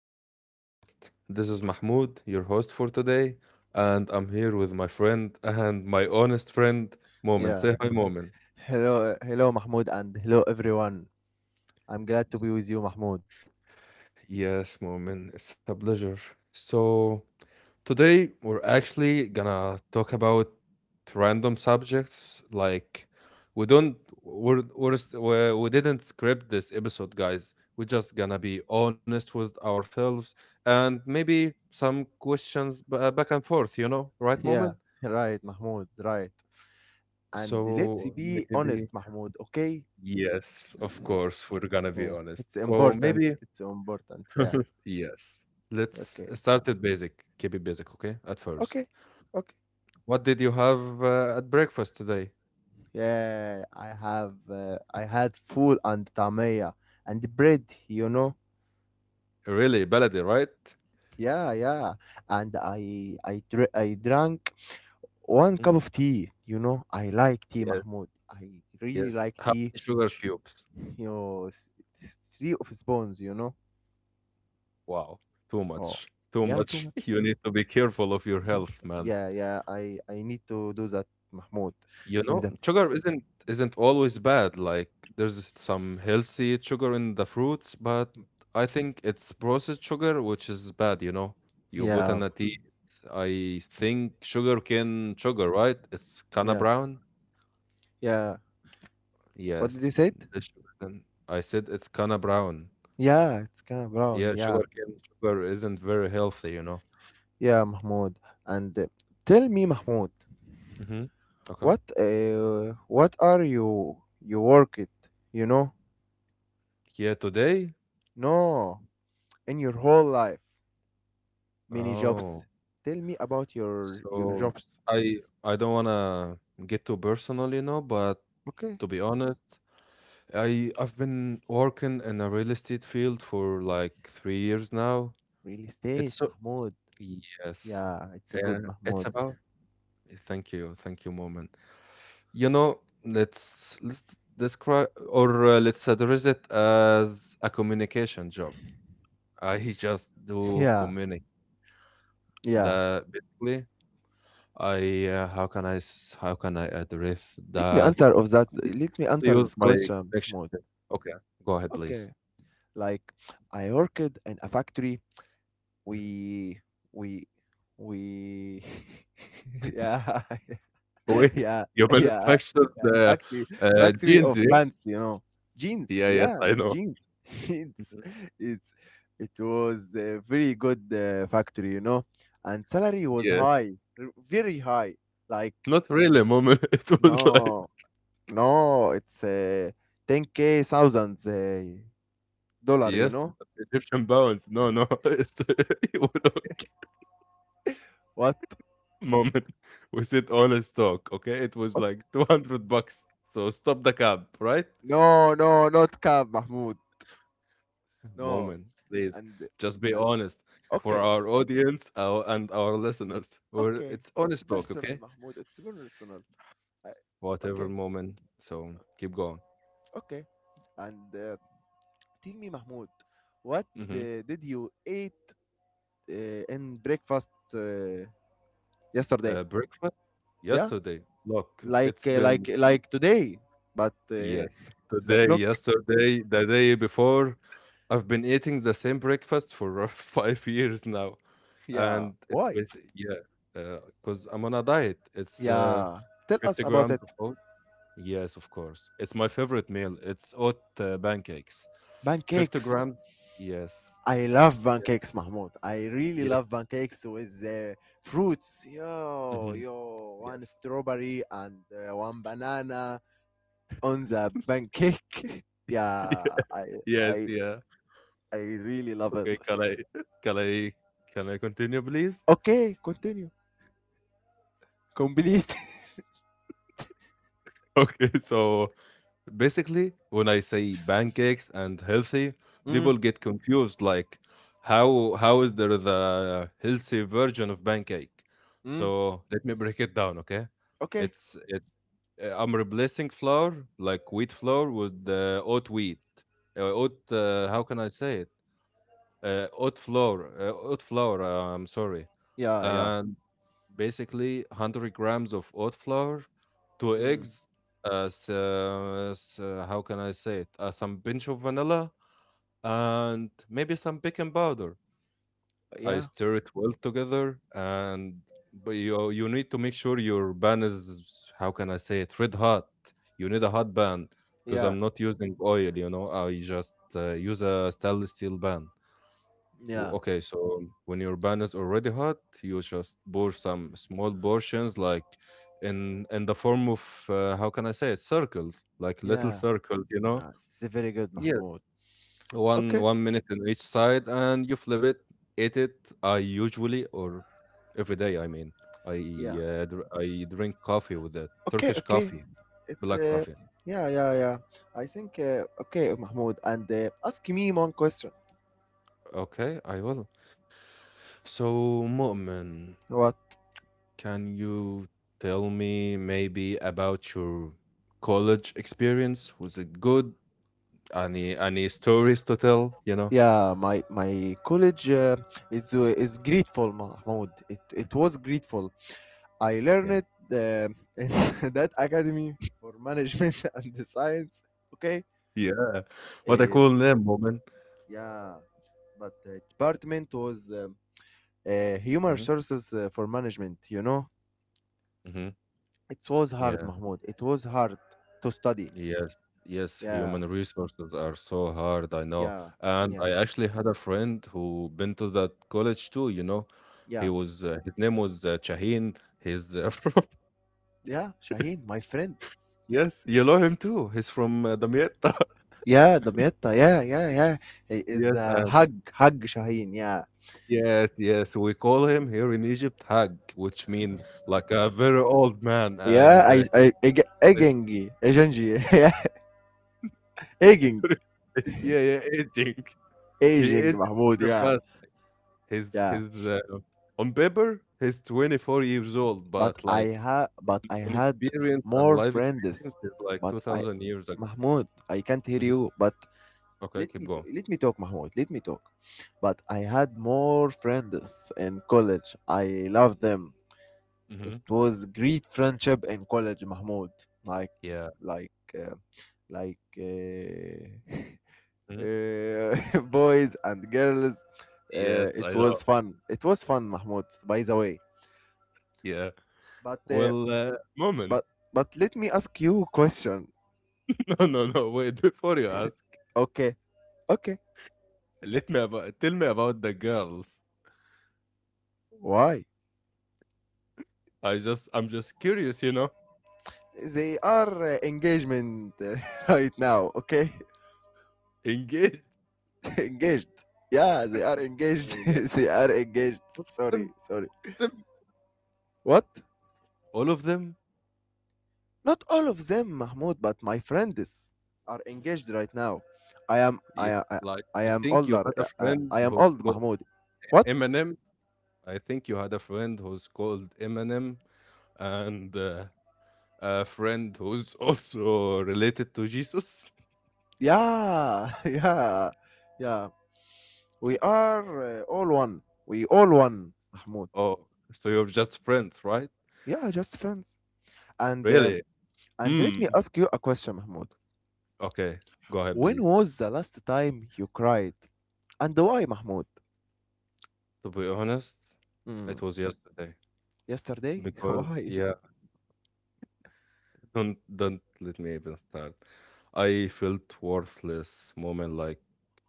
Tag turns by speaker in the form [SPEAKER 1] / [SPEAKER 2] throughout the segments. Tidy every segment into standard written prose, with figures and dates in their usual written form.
[SPEAKER 1] to our podcast. This is Mahmoud, your host for today, and I'm here with my friend and my honest friend, Momin.
[SPEAKER 2] Yeah.
[SPEAKER 1] Say hi, Momin.
[SPEAKER 2] Hello, hello, Mahmoud, and hello, everyone. I'm glad to be with you, Mahmoud.
[SPEAKER 1] Yes, Momin, it's a pleasure. So, Today, we're actually gonna talk about random subjects. Like, we don't, we're, st- we're, we are saint we did not script this episode, guys. We're just gonna be honest with ourselves and maybe some questions back and forth, you know, right,
[SPEAKER 2] Yeah,
[SPEAKER 1] moment?
[SPEAKER 2] right, Mahmoud, right. And let's
[SPEAKER 1] So,
[SPEAKER 2] be honest,
[SPEAKER 1] maybe,
[SPEAKER 2] Mahmoud, okay?
[SPEAKER 1] yes, of course, we're gonna be
[SPEAKER 2] Yeah,
[SPEAKER 1] honest.
[SPEAKER 2] it's
[SPEAKER 1] So,
[SPEAKER 2] important.
[SPEAKER 1] maybe,
[SPEAKER 2] It's important. Yeah,
[SPEAKER 1] yes. Let's
[SPEAKER 2] okay.
[SPEAKER 1] start at basic. Keep it basic, okay? At first.
[SPEAKER 2] Okay, okay.
[SPEAKER 1] What did you have at breakfast today?
[SPEAKER 2] Yeah, I have, I had food and tamaya and bread, you know?
[SPEAKER 1] Really, Baladi, right?
[SPEAKER 2] Yeah, yeah. And I drank one cup
[SPEAKER 1] Mm.
[SPEAKER 2] of tea, you know? I like tea,
[SPEAKER 1] Yes,
[SPEAKER 2] Mahmoud. I really like
[SPEAKER 1] yes. How
[SPEAKER 2] tea.
[SPEAKER 1] many sugar cubes?
[SPEAKER 2] you know, s- Three of spawns, you know.
[SPEAKER 1] Wow, too
[SPEAKER 2] Oh,
[SPEAKER 1] much, too
[SPEAKER 2] yeah, too
[SPEAKER 1] much.
[SPEAKER 2] much.
[SPEAKER 1] You need to be careful of your health, man.
[SPEAKER 2] Yeah, yeah. I need to do that, Mahmoud.
[SPEAKER 1] You
[SPEAKER 2] In
[SPEAKER 1] know,
[SPEAKER 2] the
[SPEAKER 1] sugar isn't always bad. Like there's some healthy sugar in the fruits, but I think it's processed sugar which is bad. You know, you put
[SPEAKER 2] yeah,
[SPEAKER 1] in a tea. I think sugar cane sugar, right? It's kinda
[SPEAKER 2] yeah,
[SPEAKER 1] brown.
[SPEAKER 2] yeah. What did
[SPEAKER 1] Yes,
[SPEAKER 2] you say?
[SPEAKER 1] the sugar cane. I said it's kinda brown.
[SPEAKER 2] Yeah, it's kind of brown.
[SPEAKER 1] Yeah,
[SPEAKER 2] Yeah,
[SPEAKER 1] sugar cane sugar isn't very healthy, you know.
[SPEAKER 2] yeah, Mahmoud. And Tell me, Mahmoud,
[SPEAKER 1] Mm-hmm. Okay.
[SPEAKER 2] what are you you work it? You know,
[SPEAKER 1] Yeah, today.
[SPEAKER 2] no, in your whole life, many jobs.
[SPEAKER 1] Oh,
[SPEAKER 2] Tell me about your
[SPEAKER 1] so
[SPEAKER 2] jobs.
[SPEAKER 1] I I don't wanna get too personal, you know, but
[SPEAKER 2] Okay,
[SPEAKER 1] to be honest, I've been working in a real estate field for like 3 years now.
[SPEAKER 2] real
[SPEAKER 1] It's
[SPEAKER 2] estate,
[SPEAKER 1] so
[SPEAKER 2] Mahmoud.
[SPEAKER 1] yes,
[SPEAKER 2] Yeah, it's a
[SPEAKER 1] uh,
[SPEAKER 2] good
[SPEAKER 1] it's
[SPEAKER 2] Mahmoud.
[SPEAKER 1] about thank you, moment. You know, let's describe or let's address it as a communication job I just do
[SPEAKER 2] Yeah,
[SPEAKER 1] community.
[SPEAKER 2] yeah.
[SPEAKER 1] That basically, I how can I address
[SPEAKER 2] Let me
[SPEAKER 1] that?
[SPEAKER 2] answer of that. Let me answer
[SPEAKER 1] Use
[SPEAKER 2] this
[SPEAKER 1] my
[SPEAKER 2] question,
[SPEAKER 1] connection.
[SPEAKER 2] Mahmoud.
[SPEAKER 1] Okay, go ahead, please.
[SPEAKER 2] Okay. Like I worked in a factory.
[SPEAKER 1] Mhm.
[SPEAKER 2] We we we yeah
[SPEAKER 1] Wait,
[SPEAKER 2] yeah
[SPEAKER 1] you
[SPEAKER 2] yeah yeah
[SPEAKER 1] manufactured the
[SPEAKER 2] factory factory
[SPEAKER 1] jeans,
[SPEAKER 2] of
[SPEAKER 1] yeah?
[SPEAKER 2] pants, you know. Jeans,
[SPEAKER 1] Yeah, yes,
[SPEAKER 2] yeah,
[SPEAKER 1] I know.
[SPEAKER 2] jeans. It's
[SPEAKER 1] Mhm.
[SPEAKER 2] it's it was a very good factory, you know. And salary was
[SPEAKER 1] Yeah,
[SPEAKER 2] high, r- very high. Like
[SPEAKER 1] not really, mom. It was like
[SPEAKER 2] no, no, it's 10K thousands dollar, you
[SPEAKER 1] yes,
[SPEAKER 2] know?
[SPEAKER 1] but Egyptian bounce. No, no, it's the, you don't
[SPEAKER 2] What?
[SPEAKER 1] moment. We said all is talk. Okay, it was
[SPEAKER 2] Okay.
[SPEAKER 1] like $200. So stop the cab, right?
[SPEAKER 2] No, no, not cab, Mahmoud. No.
[SPEAKER 1] Moment, please.
[SPEAKER 2] And,
[SPEAKER 1] Just be
[SPEAKER 2] and
[SPEAKER 1] honest for
[SPEAKER 2] okay,
[SPEAKER 1] our audience our, and our listeners. Or
[SPEAKER 2] okay.
[SPEAKER 1] it's
[SPEAKER 2] It's
[SPEAKER 1] honest talk,
[SPEAKER 2] personal,
[SPEAKER 1] okay?
[SPEAKER 2] Mahmoud. It's personal. Uh,
[SPEAKER 1] Whatever
[SPEAKER 2] okay,
[SPEAKER 1] moment. So keep going.
[SPEAKER 2] okay. And Tell me, Mahmoud, what
[SPEAKER 1] hmm
[SPEAKER 2] did you eat uh, in breakfast uh, yesterday?
[SPEAKER 1] Breakfast
[SPEAKER 2] Yeah?
[SPEAKER 1] yesterday. Look,
[SPEAKER 2] Like,
[SPEAKER 1] it's
[SPEAKER 2] uh,
[SPEAKER 1] been
[SPEAKER 2] like, like today, but
[SPEAKER 1] yes.
[SPEAKER 2] the
[SPEAKER 1] Today,
[SPEAKER 2] clock?
[SPEAKER 1] yesterday, the day before. I've been eating the same breakfast for 5 years now,
[SPEAKER 2] Yeah.
[SPEAKER 1] and it's
[SPEAKER 2] Why?
[SPEAKER 1] basically yeah. Because I'm on a diet. It's
[SPEAKER 2] Yeah. Tell us
[SPEAKER 1] 50
[SPEAKER 2] about
[SPEAKER 1] grams
[SPEAKER 2] it.
[SPEAKER 1] of oats. Yes, of course. It's my favorite meal. It's oat pancakes. 50
[SPEAKER 2] Pancakes.
[SPEAKER 1] gram. Yes.
[SPEAKER 2] I love
[SPEAKER 1] Yeah.
[SPEAKER 2] pancakes, Mahmoud. I really
[SPEAKER 1] Yes.
[SPEAKER 2] love pancakes with fruits. Yo,
[SPEAKER 1] hmm
[SPEAKER 2] yo, one
[SPEAKER 1] Yes.
[SPEAKER 2] strawberry and one banana on the pancake. yeah,
[SPEAKER 1] Yeah, Yes.
[SPEAKER 2] I,
[SPEAKER 1] Yeah.
[SPEAKER 2] I really love it.
[SPEAKER 1] Okay. Can I can I continue, please?
[SPEAKER 2] Okay, continue. Complete.
[SPEAKER 1] Okay. So basically, when I say pancakes and healthy,
[SPEAKER 2] mm,
[SPEAKER 1] people get confused like how is there the healthy version of pancake?
[SPEAKER 2] mm,
[SPEAKER 1] So let me break it down, okay?
[SPEAKER 2] okay.
[SPEAKER 1] It's it I'm replacing flour like wheat flour with oat wheat. Oat how can I say it? Oat flour, I'm sorry.
[SPEAKER 2] Yeah, yeah.
[SPEAKER 1] And basically, 100 grams of oat flour, two
[SPEAKER 2] Mm,
[SPEAKER 1] eggs, how can I say it? Some pinch of vanilla, and maybe some baking powder. I
[SPEAKER 2] yeah,
[SPEAKER 1] stir it well together, and but you need to make sure your pan is how can I say it? Red hot. You need a hot pan because
[SPEAKER 2] yeah,
[SPEAKER 1] I'm not using oil. You know, I just use a stainless steel pan.
[SPEAKER 2] yeah,
[SPEAKER 1] Okay, so when your pan is already hot, you just pour some small portions, like in the form of how can I say it, circles, like little
[SPEAKER 2] yeah.
[SPEAKER 1] circles, you know?
[SPEAKER 2] Yeah. It's very good,
[SPEAKER 1] Yes.
[SPEAKER 2] Mahmoud.
[SPEAKER 1] One
[SPEAKER 2] Okay.
[SPEAKER 1] one minute on each side, and you flip it, eat it. I usually or every day, I mean, I
[SPEAKER 2] Yeah.
[SPEAKER 1] I drink coffee with it,
[SPEAKER 2] Okay.
[SPEAKER 1] Turkish
[SPEAKER 2] Okay.
[SPEAKER 1] coffee,
[SPEAKER 2] It's
[SPEAKER 1] black coffee.
[SPEAKER 2] Yeah, yeah, yeah. I think okay, Mahmoud, and ask me one question.
[SPEAKER 1] Okay, I will. So, Mu'min.
[SPEAKER 2] What?
[SPEAKER 1] Can you tell me maybe about your college experience? Was it good? Any stories to tell, you know?
[SPEAKER 2] Yeah, my college is grateful, Mahmoud. It was grateful. I
[SPEAKER 1] Yeah.
[SPEAKER 2] learned uh, in that academy for management and the science. Okay.
[SPEAKER 1] Yeah. What I
[SPEAKER 2] Uh,
[SPEAKER 1] call them woman.
[SPEAKER 2] yeah, but the department was human
[SPEAKER 1] Mhm,
[SPEAKER 2] resources for management. You know,
[SPEAKER 1] mhm.
[SPEAKER 2] it was hard,
[SPEAKER 1] Yeah.
[SPEAKER 2] Mahmoud. It was hard to study.
[SPEAKER 1] Yes. Yes,
[SPEAKER 2] Yeah,
[SPEAKER 1] human resources are so hard, I know.
[SPEAKER 2] yeah,
[SPEAKER 1] And
[SPEAKER 2] yeah.
[SPEAKER 1] I actually had a friend who been to that college too, you know. He
[SPEAKER 2] Yeah,
[SPEAKER 1] was his name was Shaheen. He's from
[SPEAKER 2] yeah, Shaheen, my friend.
[SPEAKER 1] Yes, you know him too. He's from Damietta.
[SPEAKER 2] Yeah, Damietta. Yeah, yeah, yeah. He is
[SPEAKER 1] Yes,
[SPEAKER 2] Hug, Hug Shaheen. Yeah,
[SPEAKER 1] yes, yes, we call him here in Egypt Hag, which mean like a very old man
[SPEAKER 2] yeah.
[SPEAKER 1] and
[SPEAKER 2] Eg- Egengi, Egengi. Yeah, Eging,
[SPEAKER 1] yeah, yeah, aging. He
[SPEAKER 2] Eging
[SPEAKER 1] aged
[SPEAKER 2] Mahmoud.
[SPEAKER 1] very
[SPEAKER 2] Yeah,
[SPEAKER 1] fast.
[SPEAKER 2] yeah.
[SPEAKER 1] His On paper he's 24 years old,
[SPEAKER 2] But
[SPEAKER 1] but
[SPEAKER 2] I
[SPEAKER 1] like
[SPEAKER 2] ha, but I
[SPEAKER 1] on
[SPEAKER 2] had
[SPEAKER 1] experience and
[SPEAKER 2] more
[SPEAKER 1] life
[SPEAKER 2] friends.
[SPEAKER 1] experience is like
[SPEAKER 2] But I,
[SPEAKER 1] 2000 years ago.
[SPEAKER 2] Mahmoud, I can't hear
[SPEAKER 1] Mhm.
[SPEAKER 2] you. But
[SPEAKER 1] Okay,
[SPEAKER 2] let
[SPEAKER 1] keep
[SPEAKER 2] me, t-
[SPEAKER 1] going.
[SPEAKER 2] Let me talk, Mahmoud. Let me talk. But I had more friends in college. I love them.
[SPEAKER 1] hmm
[SPEAKER 2] It was great friendship in college, Mahmoud. Like,
[SPEAKER 1] Yeah.
[SPEAKER 2] like, uh, like, uh,
[SPEAKER 1] Mhm.
[SPEAKER 2] boys and girls.
[SPEAKER 1] Yes,
[SPEAKER 2] It
[SPEAKER 1] I know.
[SPEAKER 2] was fun. It was fun, Mahmoud. By the way,
[SPEAKER 1] Yeah.
[SPEAKER 2] but uh,
[SPEAKER 1] Well, moment.
[SPEAKER 2] but but let me ask you a question.
[SPEAKER 1] No, no, no. Wait, before you ask,
[SPEAKER 2] Okay, okay.
[SPEAKER 1] let me about tell me about the girls.
[SPEAKER 2] Why?
[SPEAKER 1] I'm just curious, you know.
[SPEAKER 2] They are engagement right now. Okay,
[SPEAKER 1] Engage.
[SPEAKER 2] engaged. Yeah, they are
[SPEAKER 1] Oh,
[SPEAKER 2] engaged.
[SPEAKER 1] yeah.
[SPEAKER 2] They are engaged.
[SPEAKER 1] All of
[SPEAKER 2] Sorry,
[SPEAKER 1] them.
[SPEAKER 2] sorry.
[SPEAKER 1] All of them-
[SPEAKER 2] What?
[SPEAKER 1] all of them.
[SPEAKER 2] Not all of them, Mahmoud, but my friends are engaged right now. I am I
[SPEAKER 1] Yeah.
[SPEAKER 2] am- I,
[SPEAKER 1] Like
[SPEAKER 2] I
[SPEAKER 1] I
[SPEAKER 2] am
[SPEAKER 1] think you
[SPEAKER 2] older.
[SPEAKER 1] had a friend
[SPEAKER 2] I am
[SPEAKER 1] who's
[SPEAKER 2] old,
[SPEAKER 1] called
[SPEAKER 2] Mahmoud. What?
[SPEAKER 1] Eminem. I think you had a friend who's called Eminem and a friend who's also related to Jesus.
[SPEAKER 2] Yeah, yeah, yeah. We are all one. We all one, Mahmoud.
[SPEAKER 1] Oh, so you're just friends, right?
[SPEAKER 2] Yeah, just friends. And uh,
[SPEAKER 1] Really?
[SPEAKER 2] and let me
[SPEAKER 1] Hmm.
[SPEAKER 2] ask you a question, Mahmoud.
[SPEAKER 1] Okay. Go ahead,
[SPEAKER 2] When
[SPEAKER 1] please.
[SPEAKER 2] was the last time you cried? And why, Mahmoud?
[SPEAKER 1] To be honest, it
[SPEAKER 2] Mm,
[SPEAKER 1] was yesterday
[SPEAKER 2] yesterday?
[SPEAKER 1] because
[SPEAKER 2] Why?
[SPEAKER 1] yeah. Don't let me even start. I felt worthless moment like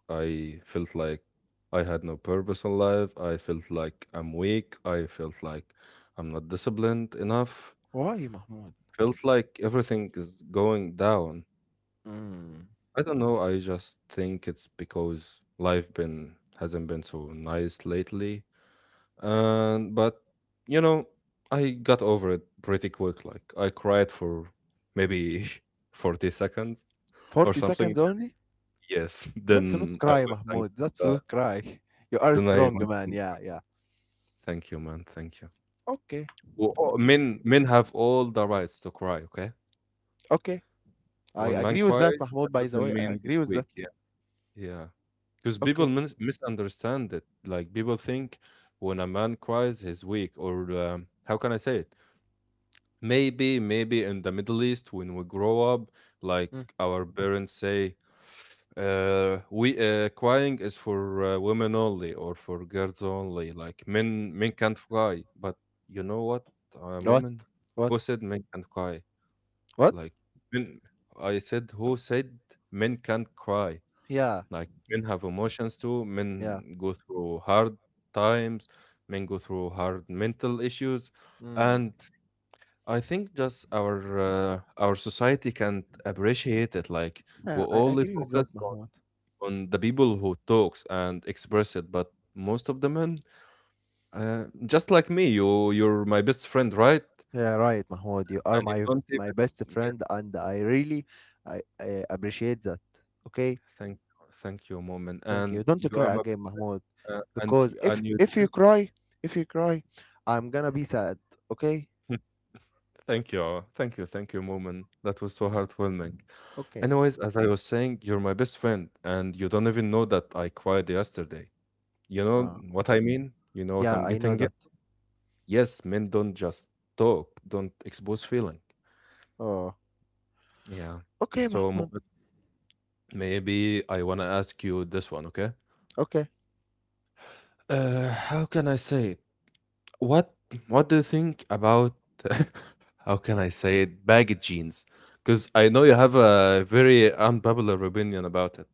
[SPEAKER 1] I felt like I had no purpose in life. I felt like I'm weak. I felt like I'm not disciplined enough.
[SPEAKER 2] Why, Mahmoud?
[SPEAKER 1] Felt like everything is going down.
[SPEAKER 2] Mm,
[SPEAKER 1] I don't know. I just think it's because life been hasn't been so nice lately. And but you know, I got over it pretty quick. Like I cried for maybe 40 seconds or
[SPEAKER 2] 40
[SPEAKER 1] something,
[SPEAKER 2] seconds only?
[SPEAKER 1] yes,
[SPEAKER 2] That's not
[SPEAKER 1] then I
[SPEAKER 2] cry,
[SPEAKER 1] will thank
[SPEAKER 2] Mahmoud. That's
[SPEAKER 1] uh,
[SPEAKER 2] not cry. You are
[SPEAKER 1] then I
[SPEAKER 2] strong,
[SPEAKER 1] went
[SPEAKER 2] man.
[SPEAKER 1] and
[SPEAKER 2] Yeah, yeah.
[SPEAKER 1] thank you, man, thank you.
[SPEAKER 2] Okay,
[SPEAKER 1] Well,
[SPEAKER 2] okay,
[SPEAKER 1] men men have all the rights to cry, okay?
[SPEAKER 2] okay. I
[SPEAKER 1] When man
[SPEAKER 2] agree with that,
[SPEAKER 1] cries, that
[SPEAKER 2] Mahmoud, by the way.
[SPEAKER 1] doesn't
[SPEAKER 2] I
[SPEAKER 1] mean he's
[SPEAKER 2] agree with that.
[SPEAKER 1] weak. Yeah, yeah. Because people
[SPEAKER 2] Okay.
[SPEAKER 1] misunderstand it. Like people think when a man cries, he's weak, or how can I say it? Maybe, maybe in the Middle East when we grow up, like
[SPEAKER 2] Mm.
[SPEAKER 1] our parents say, we crying is for women only or for girls only. Like men, men can't cry. But you know what,
[SPEAKER 2] What?
[SPEAKER 1] woman,
[SPEAKER 2] What?
[SPEAKER 1] who said men can't cry?
[SPEAKER 2] What?
[SPEAKER 1] Like men, I said, who said men can't cry?
[SPEAKER 2] Yeah.
[SPEAKER 1] Like
[SPEAKER 2] Yeah.
[SPEAKER 1] men have emotions too.
[SPEAKER 2] Yeah.
[SPEAKER 1] Men go through hard times. Men go through hard mental issues,
[SPEAKER 2] Mm.
[SPEAKER 1] and I think just our society can't appreciate it. Like we
[SPEAKER 2] Yeah. I
[SPEAKER 1] only
[SPEAKER 2] agree with that,
[SPEAKER 1] focus
[SPEAKER 2] Mahmoud.
[SPEAKER 1] on the people who talks and express it, but most of the men, just like me, you're my best friend, right?
[SPEAKER 2] Yeah, right, Mahmoud. You are
[SPEAKER 1] And you
[SPEAKER 2] my
[SPEAKER 1] don't
[SPEAKER 2] my best
[SPEAKER 1] even yeah.
[SPEAKER 2] friend, and I really I appreciate that. Okay?
[SPEAKER 1] Thank Thank you, moment.
[SPEAKER 2] Thank you.
[SPEAKER 1] And
[SPEAKER 2] Don't
[SPEAKER 1] you are
[SPEAKER 2] cry
[SPEAKER 1] my
[SPEAKER 2] again,
[SPEAKER 1] best friend,
[SPEAKER 2] Mahmoud. Because if
[SPEAKER 1] and you
[SPEAKER 2] if you
[SPEAKER 1] didn't.
[SPEAKER 2] cry, if you cry, I'm gonna be sad. Okay?
[SPEAKER 1] Thank you, thank you, thank you, moment. That was so
[SPEAKER 2] Wow.
[SPEAKER 1] heartwarming.
[SPEAKER 2] Okay.
[SPEAKER 1] Anyways, as I was saying, you're my best friend, and you don't even know that I cried yesterday. You know
[SPEAKER 2] Oh,
[SPEAKER 1] what I mean? You know what
[SPEAKER 2] yeah,
[SPEAKER 1] I'm
[SPEAKER 2] I know
[SPEAKER 1] getting at?
[SPEAKER 2] that.
[SPEAKER 1] Yes, men don't just talk, don't expose feeling.
[SPEAKER 2] Oh,
[SPEAKER 1] Yeah.
[SPEAKER 2] okay,
[SPEAKER 1] So
[SPEAKER 2] Mahmoud.
[SPEAKER 1] Mohammed, maybe I want to ask you this one, okay?
[SPEAKER 2] Okay,
[SPEAKER 1] How can I say it? What what do you think about how can I say it? Baggy jeans. Because I know you have a very unpopular opinion about it.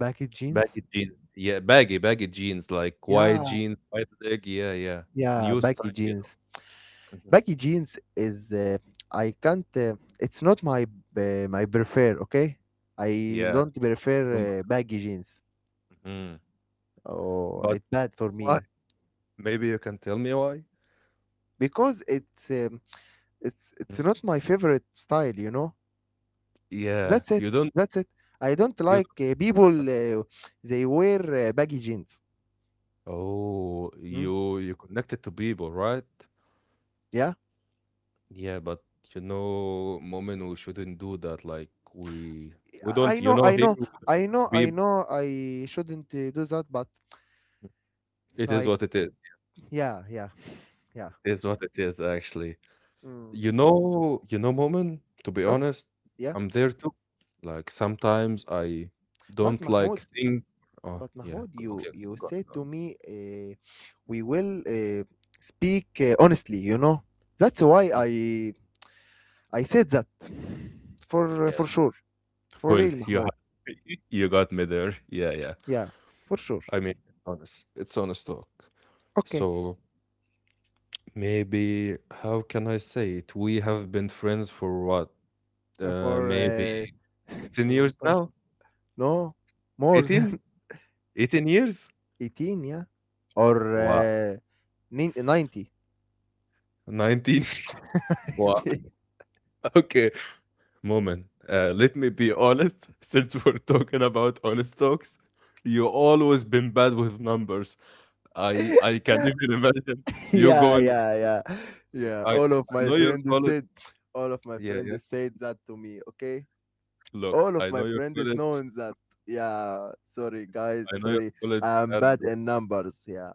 [SPEAKER 2] baggy jeans.
[SPEAKER 1] Baggy jeans. Yeah, baggy jeans, like wide
[SPEAKER 2] Yeah,
[SPEAKER 1] jeans, wide leg. Yeah, yeah.
[SPEAKER 2] yeah,
[SPEAKER 1] New
[SPEAKER 2] baggy
[SPEAKER 1] style, you know.
[SPEAKER 2] jeans.
[SPEAKER 1] Mhm.
[SPEAKER 2] Baggy jeans is I can't. It's not my my prefer. Okay, I
[SPEAKER 1] Yeah. I
[SPEAKER 2] don't
[SPEAKER 1] don't-
[SPEAKER 2] prefer baggy jeans.
[SPEAKER 1] Mhm.
[SPEAKER 2] Oh,
[SPEAKER 1] But
[SPEAKER 2] it's bad for
[SPEAKER 1] why?
[SPEAKER 2] me
[SPEAKER 1] Maybe you can tell me why?
[SPEAKER 2] because it's
[SPEAKER 1] Mhm.
[SPEAKER 2] not my favorite style. You know.
[SPEAKER 1] Yeah,
[SPEAKER 2] That's it. That's it. I don't
[SPEAKER 1] you
[SPEAKER 2] like
[SPEAKER 1] don't
[SPEAKER 2] people. They wear baggy jeans.
[SPEAKER 1] Oh,
[SPEAKER 2] Mm?
[SPEAKER 1] you connected to people, right?
[SPEAKER 2] Yeah.
[SPEAKER 1] Yeah, but you know, women, we shouldn't do that. Like we don't,
[SPEAKER 2] I
[SPEAKER 1] you
[SPEAKER 2] know,
[SPEAKER 1] know,
[SPEAKER 2] I
[SPEAKER 1] here
[SPEAKER 2] know,
[SPEAKER 1] we don't be
[SPEAKER 2] I know. I shouldn't do that, but
[SPEAKER 1] it is
[SPEAKER 2] like,
[SPEAKER 1] what it is.
[SPEAKER 2] yeah, yeah, yeah.
[SPEAKER 1] It is what it is actually.
[SPEAKER 2] Mm.
[SPEAKER 1] You know, women, to be
[SPEAKER 2] Okay,
[SPEAKER 1] honest,
[SPEAKER 2] yeah.
[SPEAKER 1] I'm there too. Like sometimes I
[SPEAKER 2] But
[SPEAKER 1] don't
[SPEAKER 2] Mahmoud,
[SPEAKER 1] like think oh
[SPEAKER 2] but
[SPEAKER 1] yeah,
[SPEAKER 2] Mahmoud, you
[SPEAKER 1] okay,
[SPEAKER 2] you
[SPEAKER 1] go on,
[SPEAKER 2] said
[SPEAKER 1] go on.
[SPEAKER 2] to me, we will speak honestly. You know, that's why
[SPEAKER 1] Y-
[SPEAKER 2] I said that for
[SPEAKER 1] Yeah.
[SPEAKER 2] sure, for
[SPEAKER 1] Well,
[SPEAKER 2] real, Mahmoud.
[SPEAKER 1] You got me there. Yeah, yeah.
[SPEAKER 2] Yeah, for sure.
[SPEAKER 1] I mean, honest. It's honest talk.
[SPEAKER 2] Okay.
[SPEAKER 1] So maybe how can I say it? We have been friends for what?
[SPEAKER 2] For
[SPEAKER 1] Maybe 16 years
[SPEAKER 2] 18.
[SPEAKER 1] now?
[SPEAKER 2] No, more than.
[SPEAKER 1] 18? 18 years?
[SPEAKER 2] 18 yeah or
[SPEAKER 1] Wow.
[SPEAKER 2] nin- 90
[SPEAKER 1] 19? wow. Okay. Moment. Let me be honest. Since we're talking about honest talks, you always been bad with numbers. I can even imagine you
[SPEAKER 2] yeah
[SPEAKER 1] going
[SPEAKER 2] yeah yeah
[SPEAKER 1] like
[SPEAKER 2] yeah
[SPEAKER 1] I I know you're college
[SPEAKER 2] all of my
[SPEAKER 1] Yeah,
[SPEAKER 2] friends
[SPEAKER 1] yeah.
[SPEAKER 2] said that to me. Okay,
[SPEAKER 1] Look,
[SPEAKER 2] all of
[SPEAKER 1] I
[SPEAKER 2] my
[SPEAKER 1] know your
[SPEAKER 2] friends
[SPEAKER 1] college.
[SPEAKER 2] known that, yeah. Sorry, guys,
[SPEAKER 1] I know your
[SPEAKER 2] sorry.
[SPEAKER 1] college
[SPEAKER 2] I'm
[SPEAKER 1] had.
[SPEAKER 2] bad in numbers, yeah.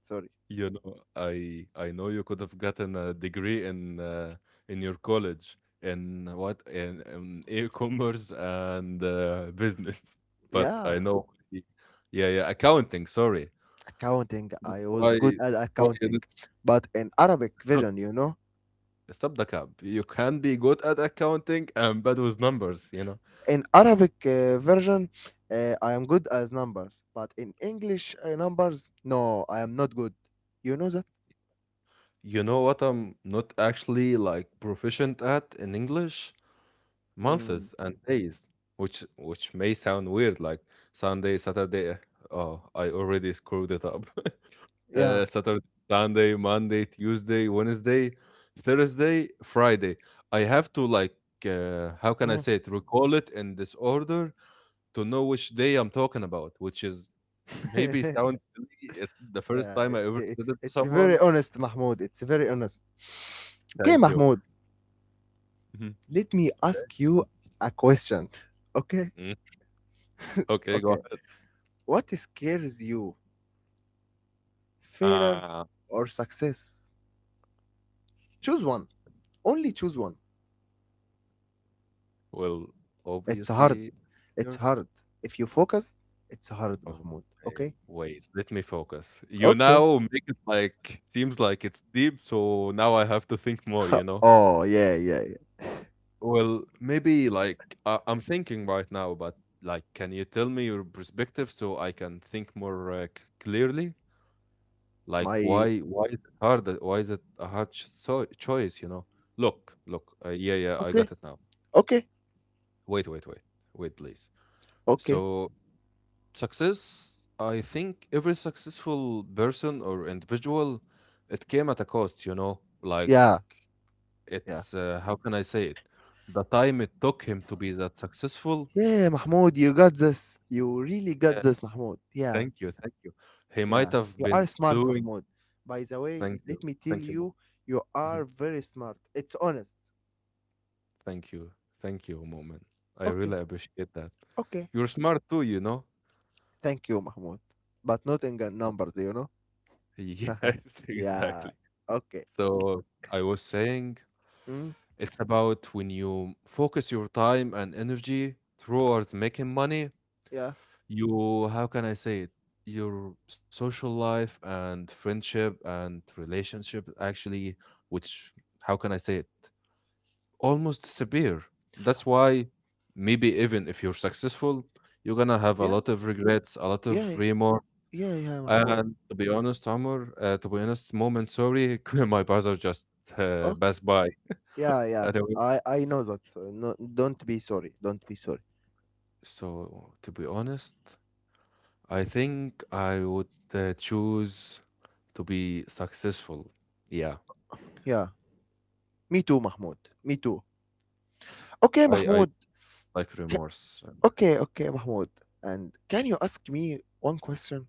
[SPEAKER 2] Sorry.
[SPEAKER 1] You know, I know you could have gotten a degree in your college in what in e-commerce and business, but I
[SPEAKER 2] Yeah,
[SPEAKER 1] know. Yeah, yeah. Accounting. Sorry.
[SPEAKER 2] accounting. I was
[SPEAKER 1] Why?
[SPEAKER 2] good at
[SPEAKER 1] Why?
[SPEAKER 2] accounting, but in Arabic
[SPEAKER 1] Stop
[SPEAKER 2] vision, you know.
[SPEAKER 1] Stop the cab. You can be good at accounting and bad with numbers. You know.
[SPEAKER 2] In Arabic version, I am good as numbers, but in English numbers, no, I am not good. You know that?
[SPEAKER 1] You know what I'm not actually like proficient at in English
[SPEAKER 2] Mm,
[SPEAKER 1] months and days which may sound weird like sunday saturday oh I already screwed it up
[SPEAKER 2] yeah.
[SPEAKER 1] saturday sunday monday tuesday wednesday thursday friday I have to like how can I
[SPEAKER 2] Mm.
[SPEAKER 1] say it recall it in this order to know which day I'm talking about which is maybe sounds silly. It's the first
[SPEAKER 2] yeah,
[SPEAKER 1] time I ever said it to
[SPEAKER 2] it's
[SPEAKER 1] someone.
[SPEAKER 2] very honest, Mahmoud. It's very honest. Okay,
[SPEAKER 1] Thank you.
[SPEAKER 2] Mahmoud,
[SPEAKER 1] Mhm.
[SPEAKER 2] let me ask
[SPEAKER 1] Okay.
[SPEAKER 2] you a question. Okay?
[SPEAKER 1] Mm, okay, go
[SPEAKER 2] Okay.
[SPEAKER 1] ahead.
[SPEAKER 2] What scares you? Failure
[SPEAKER 1] uh,
[SPEAKER 2] or success? Choose one. Only choose one.
[SPEAKER 1] Well,
[SPEAKER 2] It's hard.
[SPEAKER 1] obviously,
[SPEAKER 2] It's
[SPEAKER 1] you're
[SPEAKER 2] hard. If you focus, it's hard, Mahmoud.
[SPEAKER 1] okay.
[SPEAKER 2] Okay?
[SPEAKER 1] Wait, let me focus. You
[SPEAKER 2] Okay.
[SPEAKER 1] now make it like seems like it's deep, so now I have to think more, you know?
[SPEAKER 2] Oh, yeah, yeah, yeah.
[SPEAKER 1] Well, maybe like I'm thinking right now, but like, can you tell me your perspective so I can think more clearly? Like,
[SPEAKER 2] My
[SPEAKER 1] why is it hard? Why is it a hard ch so choice? You know? Look, look. Yeah, I
[SPEAKER 2] okay,
[SPEAKER 1] got it now.
[SPEAKER 2] okay,
[SPEAKER 1] Wait, wait, wait, wait, please.
[SPEAKER 2] okay.
[SPEAKER 1] So Success, I think every successful person or individual, it came at a cost, you know? Like,
[SPEAKER 2] Yeah, yeah.
[SPEAKER 1] how can I say it? The time it took him to be that successful.
[SPEAKER 2] Yeah, Mahmoud, you got this. You really got
[SPEAKER 1] Yeah,
[SPEAKER 2] this, Mahmoud. Yeah,
[SPEAKER 1] thank you, thank you. He
[SPEAKER 2] yeah.
[SPEAKER 1] might have
[SPEAKER 2] You are
[SPEAKER 1] been
[SPEAKER 2] smart,
[SPEAKER 1] doing,
[SPEAKER 2] Mahmoud. By the way,
[SPEAKER 1] thank you,
[SPEAKER 2] let me tell
[SPEAKER 1] thank you, Mo-
[SPEAKER 2] you, you
[SPEAKER 1] Mhm.
[SPEAKER 2] are very smart. It's honest.
[SPEAKER 1] Thank you, thank you, moment. I
[SPEAKER 2] Okay,
[SPEAKER 1] really appreciate that.
[SPEAKER 2] okay.
[SPEAKER 1] You're smart too, you know?
[SPEAKER 2] Thank you, Mahmoud. But not in gun
[SPEAKER 1] So-
[SPEAKER 2] numbers, you know?
[SPEAKER 1] Yes,
[SPEAKER 2] Yeah.
[SPEAKER 1] exactly.
[SPEAKER 2] Okay, okay.
[SPEAKER 1] So I was saying
[SPEAKER 2] Mm,
[SPEAKER 1] it's about when you focus your time and energy towards making money,
[SPEAKER 2] yeah,
[SPEAKER 1] you, how can I say it? Your social life and friendship and relationship actually, which, how can I say it? Almost disappear. That's why maybe even if you're successful, you're gonna have a
[SPEAKER 2] yeah,
[SPEAKER 1] lot of regrets, a lot
[SPEAKER 2] yeah,
[SPEAKER 1] of remorse.
[SPEAKER 2] yeah, yeah, Mahmoud.
[SPEAKER 1] And to be honest, Omar, to be honest, moment, sorry, my brother just passed by.
[SPEAKER 2] Yeah, yeah.
[SPEAKER 1] Anyway,
[SPEAKER 2] I know that. So no, don't be sorry. Don't be sorry.
[SPEAKER 1] so to be honest, I think I would choose to be successful. Yeah,
[SPEAKER 2] Yeah. Me too, Mahmoud. Me too. Okay,
[SPEAKER 1] I
[SPEAKER 2] Mahmoud.
[SPEAKER 1] like
[SPEAKER 2] Ca-
[SPEAKER 1] remorse.
[SPEAKER 2] okay, okay, Mahmoud. And can you ask me one question?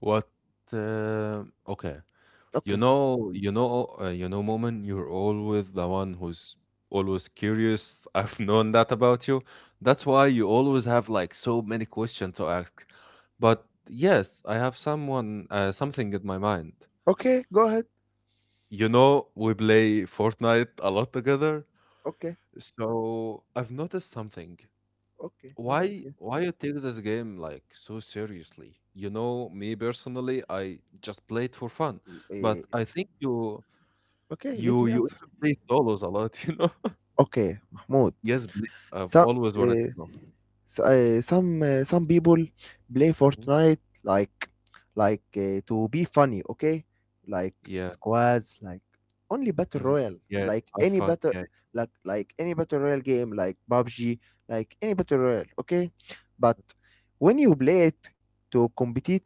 [SPEAKER 1] What? Okay, you
[SPEAKER 2] Okay.
[SPEAKER 1] know, you know, uh, you know, Moment, you're always the one who's always curious. I've known that about you. That's why you always have like so many questions to ask. But yes, I have someone, something in my mind.
[SPEAKER 2] Okay, go ahead.
[SPEAKER 1] You know, we play Fortnite a lot together.
[SPEAKER 2] Okay.
[SPEAKER 1] So I've noticed something.
[SPEAKER 2] Okay. Notice.
[SPEAKER 1] why
[SPEAKER 2] Yeah.
[SPEAKER 1] why you take this game like so seriously? You know me personally, I just play it for fun,
[SPEAKER 2] Uh,
[SPEAKER 1] but I think you
[SPEAKER 2] okay,
[SPEAKER 1] you
[SPEAKER 2] let me
[SPEAKER 1] you
[SPEAKER 2] answer.
[SPEAKER 1] even play solos a lot. You know,
[SPEAKER 2] Okay, Mahmoud.
[SPEAKER 1] yes please, I've
[SPEAKER 2] Some
[SPEAKER 1] always wanted to
[SPEAKER 2] uh,
[SPEAKER 1] know.
[SPEAKER 2] s- some Some people play
[SPEAKER 1] Mhm.
[SPEAKER 2] Fortnite like to be funny, okay? Like
[SPEAKER 1] Yeah.
[SPEAKER 2] squads, like only battle
[SPEAKER 1] Mhm.
[SPEAKER 2] royale,
[SPEAKER 1] Yeah,
[SPEAKER 2] like
[SPEAKER 1] have
[SPEAKER 2] any
[SPEAKER 1] fun,
[SPEAKER 2] battle,
[SPEAKER 1] yeah.
[SPEAKER 2] like any battle royale game, like PUBG, like any battle royale, okay? But when you play it to compete,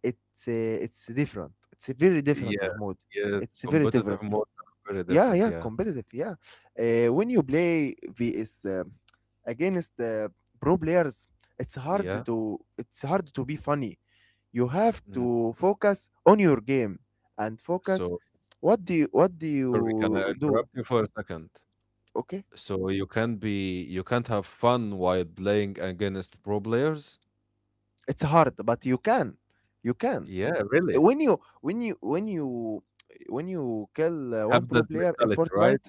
[SPEAKER 2] it's different. It's very different,
[SPEAKER 1] Yeah,
[SPEAKER 2] Mahmoud.
[SPEAKER 1] yeah,
[SPEAKER 2] It's very
[SPEAKER 1] competitive
[SPEAKER 2] different.
[SPEAKER 1] modes are very
[SPEAKER 2] Yeah,
[SPEAKER 1] different,
[SPEAKER 2] yeah,
[SPEAKER 1] yeah.
[SPEAKER 2] competitive. Yeah, when you play vs against pro players,
[SPEAKER 1] Yeah.
[SPEAKER 2] it's hard to be funny. You have
[SPEAKER 1] Mm.
[SPEAKER 2] to focus on your game and focus.
[SPEAKER 1] So
[SPEAKER 2] What do
[SPEAKER 1] sorry, can I
[SPEAKER 2] you do?
[SPEAKER 1] interrupt you for a second?
[SPEAKER 2] Okay,
[SPEAKER 1] So you can't be, you can't have fun while playing against pro players?
[SPEAKER 2] it's hard, but you can, you can.
[SPEAKER 1] Yeah, really?
[SPEAKER 2] When you when you when you when you kill one
[SPEAKER 1] Have
[SPEAKER 2] pro
[SPEAKER 1] that
[SPEAKER 2] player in
[SPEAKER 1] mentality, right?
[SPEAKER 2] Fortnite,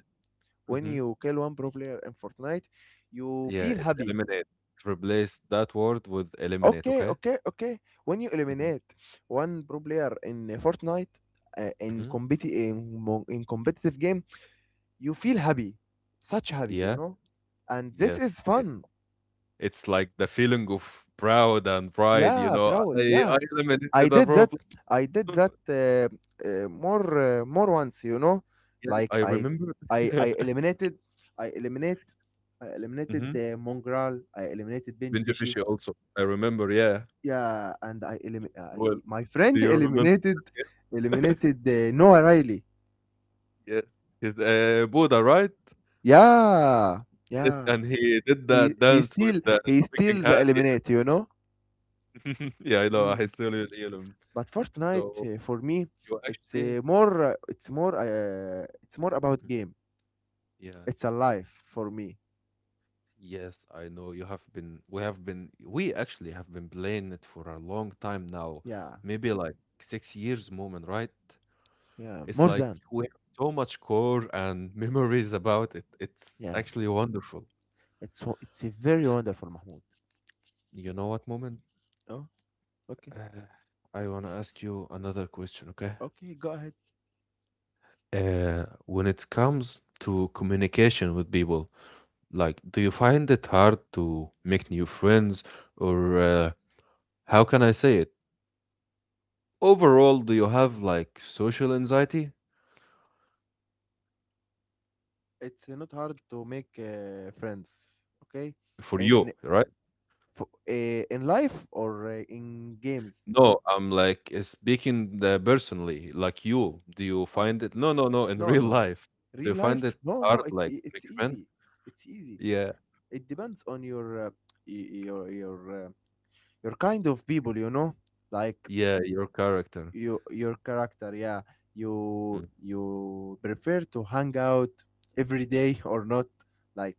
[SPEAKER 2] when
[SPEAKER 1] Mhm.
[SPEAKER 2] you kill one pro player in Fortnite, you
[SPEAKER 1] Yeah,
[SPEAKER 2] feel
[SPEAKER 1] it's
[SPEAKER 2] happy.
[SPEAKER 1] eliminate. Replace that word with eliminate,
[SPEAKER 2] Okay,
[SPEAKER 1] okay?
[SPEAKER 2] okay, okay. When you
[SPEAKER 1] Mhm.
[SPEAKER 2] eliminate one pro player in Fortnite, uh, in
[SPEAKER 1] Mhm.
[SPEAKER 2] competi in, mo- in competitive game, you feel happy, such happy, you
[SPEAKER 1] Yeah.
[SPEAKER 2] know. And this
[SPEAKER 1] Yes.
[SPEAKER 2] is
[SPEAKER 1] I
[SPEAKER 2] fun.
[SPEAKER 1] It's like the feeling of proud and pride, you
[SPEAKER 2] Yeah,
[SPEAKER 1] know.
[SPEAKER 2] proud.
[SPEAKER 1] I
[SPEAKER 2] Yeah,
[SPEAKER 1] I
[SPEAKER 2] I
[SPEAKER 1] eliminated a
[SPEAKER 2] did that.
[SPEAKER 1] problem.
[SPEAKER 2] I did
[SPEAKER 1] So
[SPEAKER 2] that
[SPEAKER 1] good.
[SPEAKER 2] uh, more more once, you know.
[SPEAKER 1] Yeah,
[SPEAKER 2] Like
[SPEAKER 1] I remember.
[SPEAKER 2] I eliminated. I eliminate. I eliminated
[SPEAKER 1] Mhm.
[SPEAKER 2] the Mongrel. I eliminated Benji
[SPEAKER 1] Binge
[SPEAKER 2] Fishy.
[SPEAKER 1] Fishy also. I remember, yeah.
[SPEAKER 2] Yeah, and I elim-
[SPEAKER 1] Well,
[SPEAKER 2] I my
[SPEAKER 1] do
[SPEAKER 2] friend
[SPEAKER 1] you remember
[SPEAKER 2] eliminated
[SPEAKER 1] that game?
[SPEAKER 2] Noah Riley.
[SPEAKER 1] Yes. His, Buddha, right?
[SPEAKER 2] Yeah,
[SPEAKER 1] Yes,
[SPEAKER 2] yeah.
[SPEAKER 1] and he did
[SPEAKER 2] He
[SPEAKER 1] that
[SPEAKER 2] he
[SPEAKER 1] dance with
[SPEAKER 2] still
[SPEAKER 1] the
[SPEAKER 2] he
[SPEAKER 1] speaking
[SPEAKER 2] still the
[SPEAKER 1] hand. Yeah,
[SPEAKER 2] eliminate, you know.
[SPEAKER 1] yeah, I know. I
[SPEAKER 2] Mm.
[SPEAKER 1] still hear him.
[SPEAKER 2] But Fortnite
[SPEAKER 1] So
[SPEAKER 2] for me,
[SPEAKER 1] you actually
[SPEAKER 2] it's more about
[SPEAKER 1] Mhm.
[SPEAKER 2] game.
[SPEAKER 1] Yeah.
[SPEAKER 2] It's a life for me.
[SPEAKER 1] Yes, I know you have been, we actually have been playing it for a long time now.
[SPEAKER 2] Yeah,
[SPEAKER 1] Maybe like 6 years moment, right?
[SPEAKER 2] yeah.
[SPEAKER 1] It's
[SPEAKER 2] More
[SPEAKER 1] like
[SPEAKER 2] than
[SPEAKER 1] we have so much core and memories about it. It's
[SPEAKER 2] yeah.
[SPEAKER 1] actually wonderful.
[SPEAKER 2] It's a very wonderful Mahmoud.
[SPEAKER 1] You know what, moment?
[SPEAKER 2] Oh, okay,
[SPEAKER 1] Uh, I want to ask you another question, okay?
[SPEAKER 2] okay. Go ahead.
[SPEAKER 1] When it comes to communication with people, like, do you find it hard to make new friends, or how can I say it? Overall, do you have like social anxiety
[SPEAKER 2] It's not hard to make friends. Okay,
[SPEAKER 1] for you,
[SPEAKER 2] in
[SPEAKER 1] right?
[SPEAKER 2] for in life or in games?
[SPEAKER 1] No, I'm like speaking the personally, like you. Do you
[SPEAKER 2] Uh,
[SPEAKER 1] find it? No, no, no. In
[SPEAKER 2] no,
[SPEAKER 1] real
[SPEAKER 2] no.
[SPEAKER 1] life, do you
[SPEAKER 2] Real
[SPEAKER 1] find
[SPEAKER 2] life?
[SPEAKER 1] it
[SPEAKER 2] No,
[SPEAKER 1] hard,
[SPEAKER 2] no.
[SPEAKER 1] like make
[SPEAKER 2] It's
[SPEAKER 1] friends?
[SPEAKER 2] easy. It's easy.
[SPEAKER 1] Yeah,
[SPEAKER 2] It depends on your your kind of people. You know, like
[SPEAKER 1] yeah. Your character.
[SPEAKER 2] you your character. Yeah, you
[SPEAKER 1] Mm.
[SPEAKER 2] you prefer to hang out every day or not? Like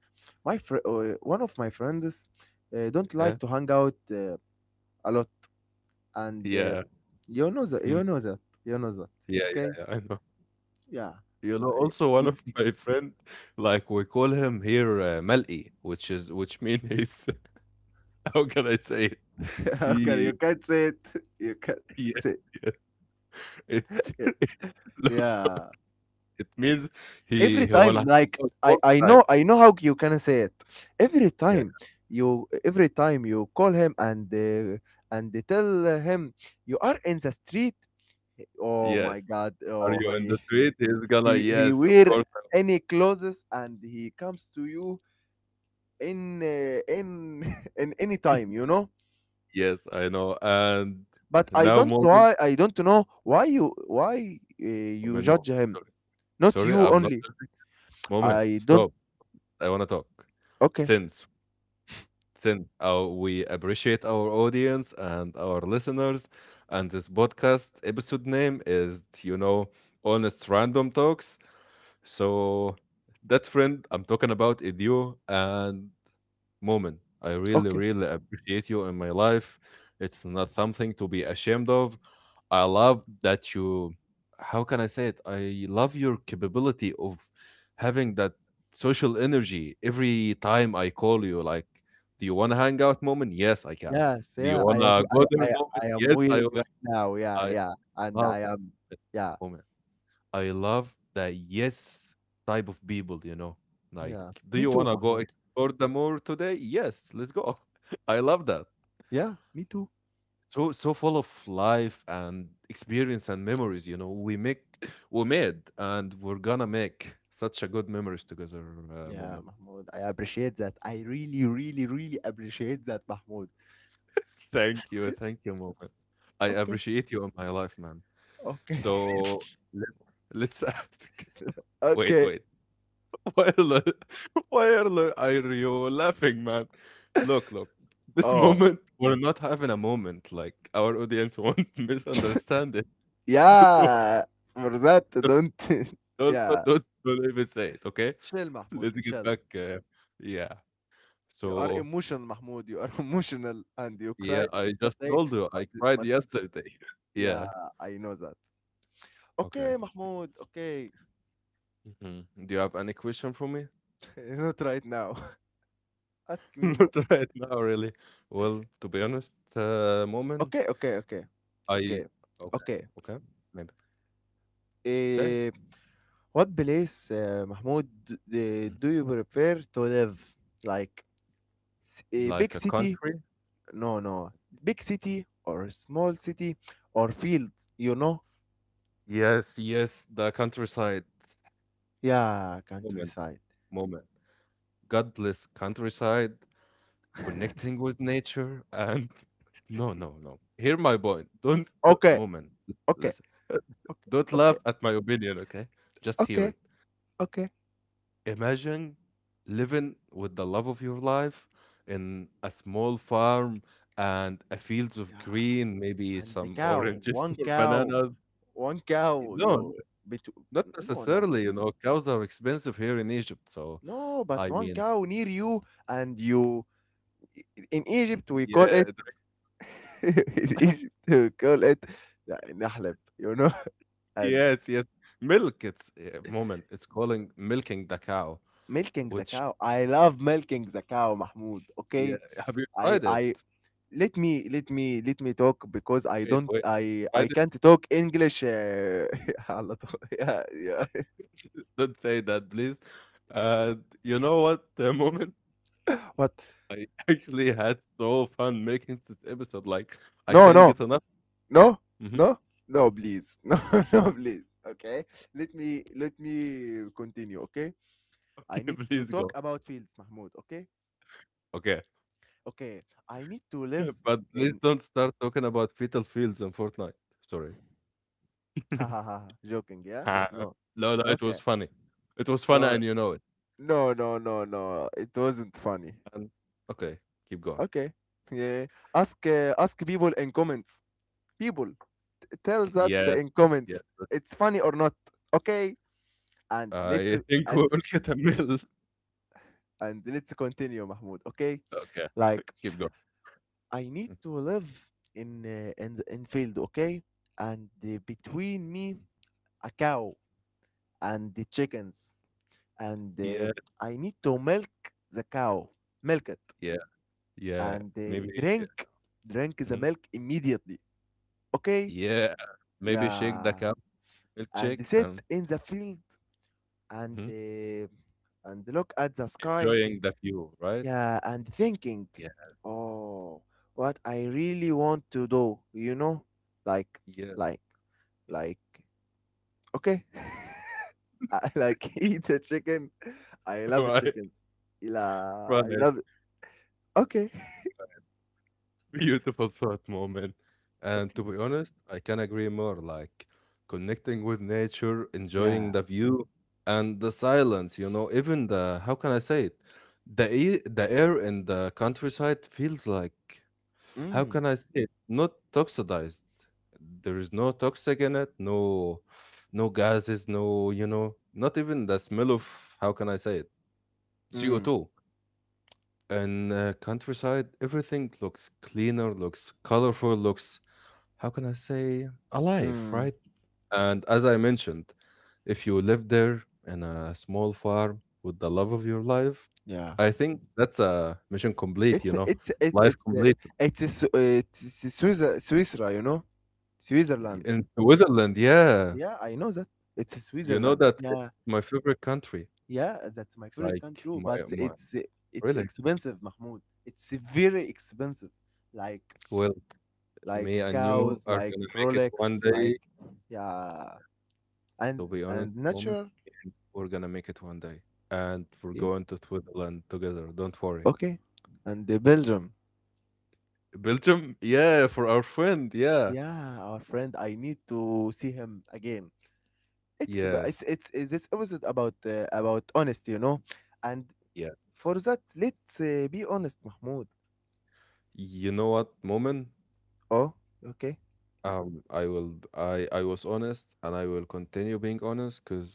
[SPEAKER 2] one of my friends don't
[SPEAKER 1] Yeah,
[SPEAKER 2] like to hang out a lot, and
[SPEAKER 1] yeah.
[SPEAKER 2] you know that
[SPEAKER 1] Mm.
[SPEAKER 2] you know that.
[SPEAKER 1] yeah, yeah,
[SPEAKER 2] Okay.
[SPEAKER 1] yeah. I know.
[SPEAKER 2] Yeah.
[SPEAKER 1] You know,
[SPEAKER 2] But,
[SPEAKER 1] also one of my friend, like we call him here Mel'i, which is which means he's how can I say it?
[SPEAKER 2] okay,
[SPEAKER 1] He,
[SPEAKER 2] you can't say it. You can't
[SPEAKER 1] yeah,
[SPEAKER 2] say
[SPEAKER 1] it's
[SPEAKER 2] it.
[SPEAKER 1] look, look,
[SPEAKER 2] Yeah.
[SPEAKER 1] it means he
[SPEAKER 2] Every
[SPEAKER 1] wanna
[SPEAKER 2] time,
[SPEAKER 1] hang out all the time.
[SPEAKER 2] I know how you can say it. Every
[SPEAKER 1] Yeah.
[SPEAKER 2] time every time you call him and they tell him you are in the street. Oh my
[SPEAKER 1] Yes.
[SPEAKER 2] God!
[SPEAKER 1] Are
[SPEAKER 2] Oh,
[SPEAKER 1] you in the
[SPEAKER 2] he
[SPEAKER 1] street? He's gonna
[SPEAKER 2] he
[SPEAKER 1] yes, of
[SPEAKER 2] wear
[SPEAKER 1] course.
[SPEAKER 2] any clothes and he comes to you in in any time. You know,
[SPEAKER 1] Yes, I know. And
[SPEAKER 2] but I
[SPEAKER 1] now
[SPEAKER 2] don't
[SPEAKER 1] moment,
[SPEAKER 2] know why you
[SPEAKER 1] moment, moment.
[SPEAKER 2] judge him,
[SPEAKER 1] Sorry.
[SPEAKER 2] not
[SPEAKER 1] Sorry,
[SPEAKER 2] you
[SPEAKER 1] I'm not
[SPEAKER 2] only.
[SPEAKER 1] dirty. Moment.
[SPEAKER 2] I don't.
[SPEAKER 1] Stop. I wanna talk.
[SPEAKER 2] Okay,
[SPEAKER 1] Since we appreciate our audience and our listeners. And this podcast episode name is, you know, Honest Random Talks. So that friend I'm talking about is you, and moment, I really,
[SPEAKER 2] okay.
[SPEAKER 1] really appreciate you in my life. It's not something to be ashamed of. I love that you, how can I say it? I love your capability of having that social energy every time I call you. Like, do you want to hang out, moment? Yes, I can.
[SPEAKER 2] Yes,
[SPEAKER 1] Do you
[SPEAKER 2] yeah. I
[SPEAKER 1] want
[SPEAKER 2] am.
[SPEAKER 1] to go there, moment?
[SPEAKER 2] I am
[SPEAKER 1] Yes, I
[SPEAKER 2] wearing right
[SPEAKER 1] will.
[SPEAKER 2] now. Yeah,
[SPEAKER 1] I
[SPEAKER 2] yeah. And
[SPEAKER 1] love
[SPEAKER 2] I am.
[SPEAKER 1] it,
[SPEAKER 2] Yeah,
[SPEAKER 1] moment. I love the yes type of people, you know. Like,
[SPEAKER 2] yeah.
[SPEAKER 1] do
[SPEAKER 2] Me
[SPEAKER 1] you want
[SPEAKER 2] too,
[SPEAKER 1] to go
[SPEAKER 2] Mahmoud.
[SPEAKER 1] explore the moor today? Yes, let's go. I love that.
[SPEAKER 2] Yeah, me too.
[SPEAKER 1] So so full of life and experience and memories, you know. We make we made and we're gonna make such a good memories together,
[SPEAKER 2] Yeah,
[SPEAKER 1] moment.
[SPEAKER 2] Mahmoud. I appreciate that. I really, really, really appreciate that, Mahmoud.
[SPEAKER 1] Thank you, moment. I
[SPEAKER 2] Okay,
[SPEAKER 1] appreciate you in my life, man.
[SPEAKER 2] okay,
[SPEAKER 1] So let, let's ask. Wait,
[SPEAKER 2] okay.
[SPEAKER 1] wait. Why are, lo- why are you laughing, man? Look, look. This
[SPEAKER 2] Oh,
[SPEAKER 1] moment, we're not having a moment. Like our audience won't misunderstand it.
[SPEAKER 2] yeah. For that, don't.
[SPEAKER 1] Don't,
[SPEAKER 2] yeah.
[SPEAKER 1] don't, don't, don't even say it. Okay,
[SPEAKER 2] Chill, Mahmoud.
[SPEAKER 1] let's get
[SPEAKER 2] Chill.
[SPEAKER 1] back. Yeah.
[SPEAKER 2] You are
[SPEAKER 1] So
[SPEAKER 2] emotional, Mahmoud. You are emotional and you
[SPEAKER 1] yeah,
[SPEAKER 2] cry
[SPEAKER 1] I
[SPEAKER 2] that
[SPEAKER 1] just
[SPEAKER 2] day.
[SPEAKER 1] told you
[SPEAKER 2] But,
[SPEAKER 1] I cried
[SPEAKER 2] but
[SPEAKER 1] yesterday.
[SPEAKER 2] yeah,
[SPEAKER 1] Yeah.
[SPEAKER 2] I know that.
[SPEAKER 1] Okay.
[SPEAKER 2] Okay, Mahmoud. Okay.
[SPEAKER 1] Mhm. Do you have any question for me?
[SPEAKER 2] Not right now. Ask me more.
[SPEAKER 1] Not right now, really. Well, to be honest, moment,
[SPEAKER 2] Okay, okay, okay,
[SPEAKER 1] I
[SPEAKER 2] okay,
[SPEAKER 1] okay,
[SPEAKER 2] okay.
[SPEAKER 1] okay, maybe say.
[SPEAKER 2] Eh, what place, Mahmoud,
[SPEAKER 1] Mm-hmm.
[SPEAKER 2] do you prefer to live? Like a
[SPEAKER 1] Like
[SPEAKER 2] big
[SPEAKER 1] a
[SPEAKER 2] city?
[SPEAKER 1] country?
[SPEAKER 2] No, no. Big city or a small city or field, you know?
[SPEAKER 1] Yes, yes, the countryside,
[SPEAKER 2] Yeah,
[SPEAKER 1] moment,
[SPEAKER 2] countryside.
[SPEAKER 1] moment. Godless countryside, connecting with nature, and no, no, no. Hear my point. Don't, do
[SPEAKER 2] Okay,
[SPEAKER 1] moment.
[SPEAKER 2] okay,
[SPEAKER 1] Listen,
[SPEAKER 2] okay,
[SPEAKER 1] don't
[SPEAKER 2] okay.
[SPEAKER 1] laugh at my opinion, okay? Just hear
[SPEAKER 2] Okay,
[SPEAKER 1] it.
[SPEAKER 2] okay.
[SPEAKER 1] Imagine living with the love of your life in a small farm and a fields of
[SPEAKER 2] Yeah,
[SPEAKER 1] green, maybe
[SPEAKER 2] and the
[SPEAKER 1] some
[SPEAKER 2] cow,
[SPEAKER 1] oranges
[SPEAKER 2] one
[SPEAKER 1] or
[SPEAKER 2] cow,
[SPEAKER 1] bananas.
[SPEAKER 2] one cow,
[SPEAKER 1] No,
[SPEAKER 2] you bet
[SPEAKER 1] not
[SPEAKER 2] no, no,
[SPEAKER 1] necessarily, you know, cows are expensive here in Egypt, so
[SPEAKER 2] no, but
[SPEAKER 1] I
[SPEAKER 2] one
[SPEAKER 1] mean,
[SPEAKER 2] cow near you, and you in Egypt we call
[SPEAKER 1] yeah,
[SPEAKER 2] it in Egypt we call it nahleb, and
[SPEAKER 1] yes, yes. Milk, it's moment, it's calling milking the cow,
[SPEAKER 2] milking the
[SPEAKER 1] which
[SPEAKER 2] cow. I love milking the cow, Mahmoud.
[SPEAKER 1] yeah,
[SPEAKER 2] Okay,
[SPEAKER 1] have you
[SPEAKER 2] I,
[SPEAKER 1] tried it?
[SPEAKER 2] I let me talk because I
[SPEAKER 1] Wait,
[SPEAKER 2] don't
[SPEAKER 1] wait, you
[SPEAKER 2] I
[SPEAKER 1] tried
[SPEAKER 2] I
[SPEAKER 1] it?
[SPEAKER 2] can't talk English. على طول. Yeah, yeah.
[SPEAKER 1] Don't say that, please. Uh, you know what, the moment,
[SPEAKER 2] What?
[SPEAKER 1] I actually had so fun making this episode, like, I
[SPEAKER 2] No,
[SPEAKER 1] can't
[SPEAKER 2] no.
[SPEAKER 1] get enough.
[SPEAKER 2] No,
[SPEAKER 1] Mhm.
[SPEAKER 2] no, no, please, no, no, please. Okay, let me continue. Okay, I
[SPEAKER 1] Okay,
[SPEAKER 2] need to
[SPEAKER 1] please
[SPEAKER 2] talk
[SPEAKER 1] go.
[SPEAKER 2] about fields, Mahmoud. Okay,
[SPEAKER 1] Okay,
[SPEAKER 2] okay, I need to live
[SPEAKER 1] but please
[SPEAKER 2] in.
[SPEAKER 1] don't start talking about fetal fields in Fortnite. Sorry.
[SPEAKER 2] Ha ha ha! Joking, yeah?
[SPEAKER 1] Ha
[SPEAKER 2] No.
[SPEAKER 1] no, no, it
[SPEAKER 2] Okay.
[SPEAKER 1] was funny. It was funny
[SPEAKER 2] No,
[SPEAKER 1] and you know it.
[SPEAKER 2] no, no, no, no. It wasn't funny.
[SPEAKER 1] And okay, keep going.
[SPEAKER 2] Okay. Yeah. Ask people in comments. People, tell that
[SPEAKER 1] Yeah.
[SPEAKER 2] in
[SPEAKER 1] Yeah.
[SPEAKER 2] comments. It's funny or not. Okay. And
[SPEAKER 1] I think we'll get a mill.
[SPEAKER 2] let's continue, Mahmoud. Okay,
[SPEAKER 1] Okay,
[SPEAKER 2] like
[SPEAKER 1] keep going.
[SPEAKER 2] I need
[SPEAKER 1] Mm,
[SPEAKER 2] to live in field, okay? And between me, a cow and the chickens, and
[SPEAKER 1] yeah,
[SPEAKER 2] I need to milk the cow, milk it,
[SPEAKER 1] yeah, yeah.
[SPEAKER 2] and
[SPEAKER 1] Maybe
[SPEAKER 2] drink the
[SPEAKER 1] mhm.
[SPEAKER 2] milk immediately, okay?
[SPEAKER 1] Yeah. Maybe shake the
[SPEAKER 2] Yeah,
[SPEAKER 1] cup,
[SPEAKER 2] and
[SPEAKER 1] milkshake,
[SPEAKER 2] sit in the field and
[SPEAKER 1] mhm.
[SPEAKER 2] uh, and look at the sky,
[SPEAKER 1] Enjoying the view, right?
[SPEAKER 2] yeah, and thinking,
[SPEAKER 1] Yeah,
[SPEAKER 2] oh, what I really want to do, like
[SPEAKER 1] yeah.
[SPEAKER 2] like like Okay. I like eat the chicken. Ah, I love
[SPEAKER 1] Right,
[SPEAKER 2] chickens. La, I
[SPEAKER 1] right.
[SPEAKER 2] love it. Okay.
[SPEAKER 1] Beautiful thought moment. And
[SPEAKER 2] Okay.
[SPEAKER 1] to be honest, I can agree more. Like connecting with nature, enjoying
[SPEAKER 2] Yeah.
[SPEAKER 1] the view and the silence, you know, even the, how can I say it? The air in the countryside feels like, how
[SPEAKER 2] Mm,
[SPEAKER 1] can I say it? Not toxidized. There is no toxic in it, no, no gases, no, you know, not even the smell of, how can I say it?
[SPEAKER 2] mm,
[SPEAKER 1] CO2. In countryside, everything looks cleaner, looks colorful, looks how can I say, alive,
[SPEAKER 2] mm.
[SPEAKER 1] right? And as I mentioned, if you live there in a small farm with the love of your life,
[SPEAKER 2] Yeah.
[SPEAKER 1] I think that's a mission complete,
[SPEAKER 2] It's
[SPEAKER 1] you know,
[SPEAKER 2] it's it,
[SPEAKER 1] life
[SPEAKER 2] it's uh,
[SPEAKER 1] complete.
[SPEAKER 2] it's a Swiss Switzerland, you know, Switzerland.
[SPEAKER 1] In Switzerland, yeah,
[SPEAKER 2] Yeah, I know that. It's
[SPEAKER 1] you know
[SPEAKER 2] Switzerland.
[SPEAKER 1] that it's
[SPEAKER 2] Yeah,
[SPEAKER 1] my favorite country.
[SPEAKER 2] yeah, that's my favorite
[SPEAKER 1] Like
[SPEAKER 2] country,
[SPEAKER 1] my
[SPEAKER 2] but
[SPEAKER 1] my
[SPEAKER 2] it's
[SPEAKER 1] really
[SPEAKER 2] expensive, Mahmoud. It's very expensive. Like
[SPEAKER 1] well,
[SPEAKER 2] like
[SPEAKER 1] me and
[SPEAKER 2] cows,
[SPEAKER 1] you are
[SPEAKER 2] like
[SPEAKER 1] gonna make it
[SPEAKER 2] Rolex,
[SPEAKER 1] one
[SPEAKER 2] like,
[SPEAKER 1] day.
[SPEAKER 2] yeah, and
[SPEAKER 1] To be honest,
[SPEAKER 2] and
[SPEAKER 1] moment,
[SPEAKER 2] natural,
[SPEAKER 1] we're gonna make it one day, and we're
[SPEAKER 2] yeah.
[SPEAKER 1] going to Switzerland together. Don't worry.
[SPEAKER 2] Okay, and the Belgium.
[SPEAKER 1] Belgium? Yeah, for our friend. Yeah.
[SPEAKER 2] Yeah, our friend, I need to see him again. it's ab- it's
[SPEAKER 1] Yes.
[SPEAKER 2] it's, it's this episode about honesty. And
[SPEAKER 1] Yeah.
[SPEAKER 2] for that, let's be honest, Mahmoud.
[SPEAKER 1] You know what, Moment?
[SPEAKER 2] Oh, okay.
[SPEAKER 1] I will I was honest and I will continue being honest because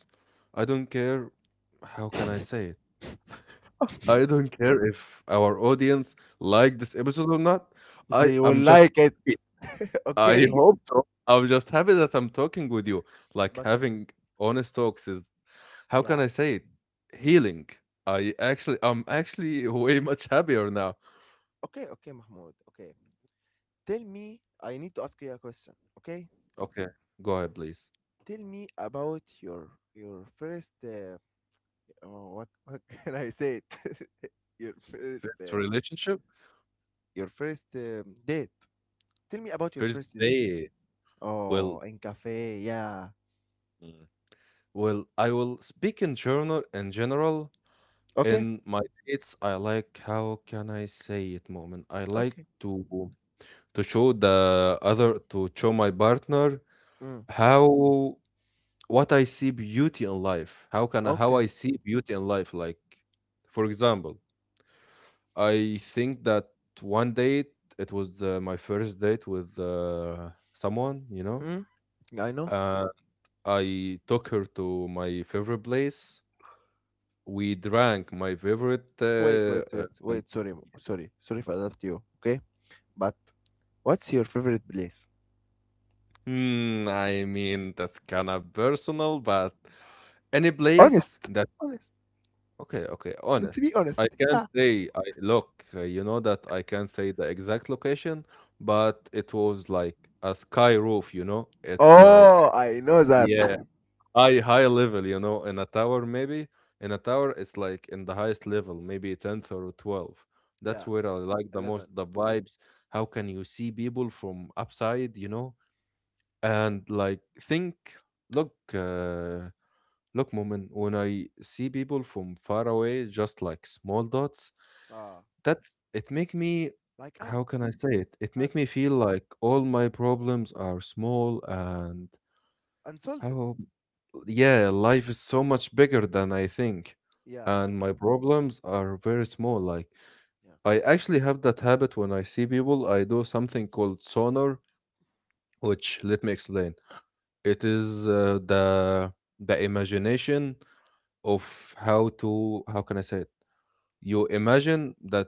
[SPEAKER 1] I don't care how can I say it? I don't care if our audience like this episode or not. I
[SPEAKER 2] They will
[SPEAKER 1] I'm just
[SPEAKER 2] like it.
[SPEAKER 1] I
[SPEAKER 2] Okay,
[SPEAKER 1] hope so. I'm just happy that I'm talking with you. Like
[SPEAKER 2] but
[SPEAKER 1] having honest talks is how can
[SPEAKER 2] yeah.
[SPEAKER 1] I say it?
[SPEAKER 2] Mm.
[SPEAKER 1] Healing. I'm actually way much happier now.
[SPEAKER 2] Okay, okay, Mahmoud. Okay, tell me, I need to ask you a question. Okay,
[SPEAKER 1] Okay, go ahead, please.
[SPEAKER 2] tell me about your first, oh, what can I say? your first
[SPEAKER 1] First
[SPEAKER 2] uh,
[SPEAKER 1] relationship,
[SPEAKER 2] your first date. Tell me about your
[SPEAKER 1] first
[SPEAKER 2] first date.
[SPEAKER 1] date.
[SPEAKER 2] Oh,
[SPEAKER 1] Well,
[SPEAKER 2] in cafe. Yeah.
[SPEAKER 1] mm, well, I will speak in journal in general.
[SPEAKER 2] Okay.
[SPEAKER 1] In my dates, I like how can I say it moment. I like
[SPEAKER 2] Okay.
[SPEAKER 1] to show the other to show my partner
[SPEAKER 2] Mm.
[SPEAKER 1] how what I see beauty in life. How can I, how
[SPEAKER 2] Okay.
[SPEAKER 1] I see beauty in life? Like, for example, I think that one date it was my first date with someone, you know.
[SPEAKER 2] Mm. I know.
[SPEAKER 1] Uh, I took her to my favorite place. We drank my favorite.
[SPEAKER 2] Wait, wait, wait,
[SPEAKER 1] Uh,
[SPEAKER 2] wait. Sorry, for interrupt you. Okay, but what's your favorite place?
[SPEAKER 1] hmm, I mean, that's kind of personal, but any
[SPEAKER 2] Honest.
[SPEAKER 1] place that.
[SPEAKER 2] Honest.
[SPEAKER 1] Okay, okay,
[SPEAKER 2] Let's
[SPEAKER 1] honest.
[SPEAKER 2] be honest.
[SPEAKER 1] I can't
[SPEAKER 2] Yeah.
[SPEAKER 1] say. I look. You know that I can't say the exact location, but it was like a sky roof. You know, it's like
[SPEAKER 2] Oh, I know that.
[SPEAKER 1] yeah, high level, you know, in a tower maybe. In a tower, it's like in the highest level, maybe 10th or 12th. That's
[SPEAKER 2] Yeah.
[SPEAKER 1] where I like the most,
[SPEAKER 2] 11.
[SPEAKER 1] the vibes. How can you see people from upside, you know, and like think, look uh look, moment, when I see people from far away just like small dots.
[SPEAKER 2] Ah,
[SPEAKER 1] That's it, make me,
[SPEAKER 2] like ant,
[SPEAKER 1] how can I say it, it make me
[SPEAKER 2] ants,
[SPEAKER 1] feel like all my problems are small. And
[SPEAKER 2] unsolved.
[SPEAKER 1] how, yeah, life is so much bigger than I think.
[SPEAKER 2] Yeah.
[SPEAKER 1] And my problems are very small. Like,
[SPEAKER 2] Yeah.
[SPEAKER 1] I actually have that habit. When I see people, I do something called sonar, which, let me explain. It is the imagination of how can I say it? You imagine that,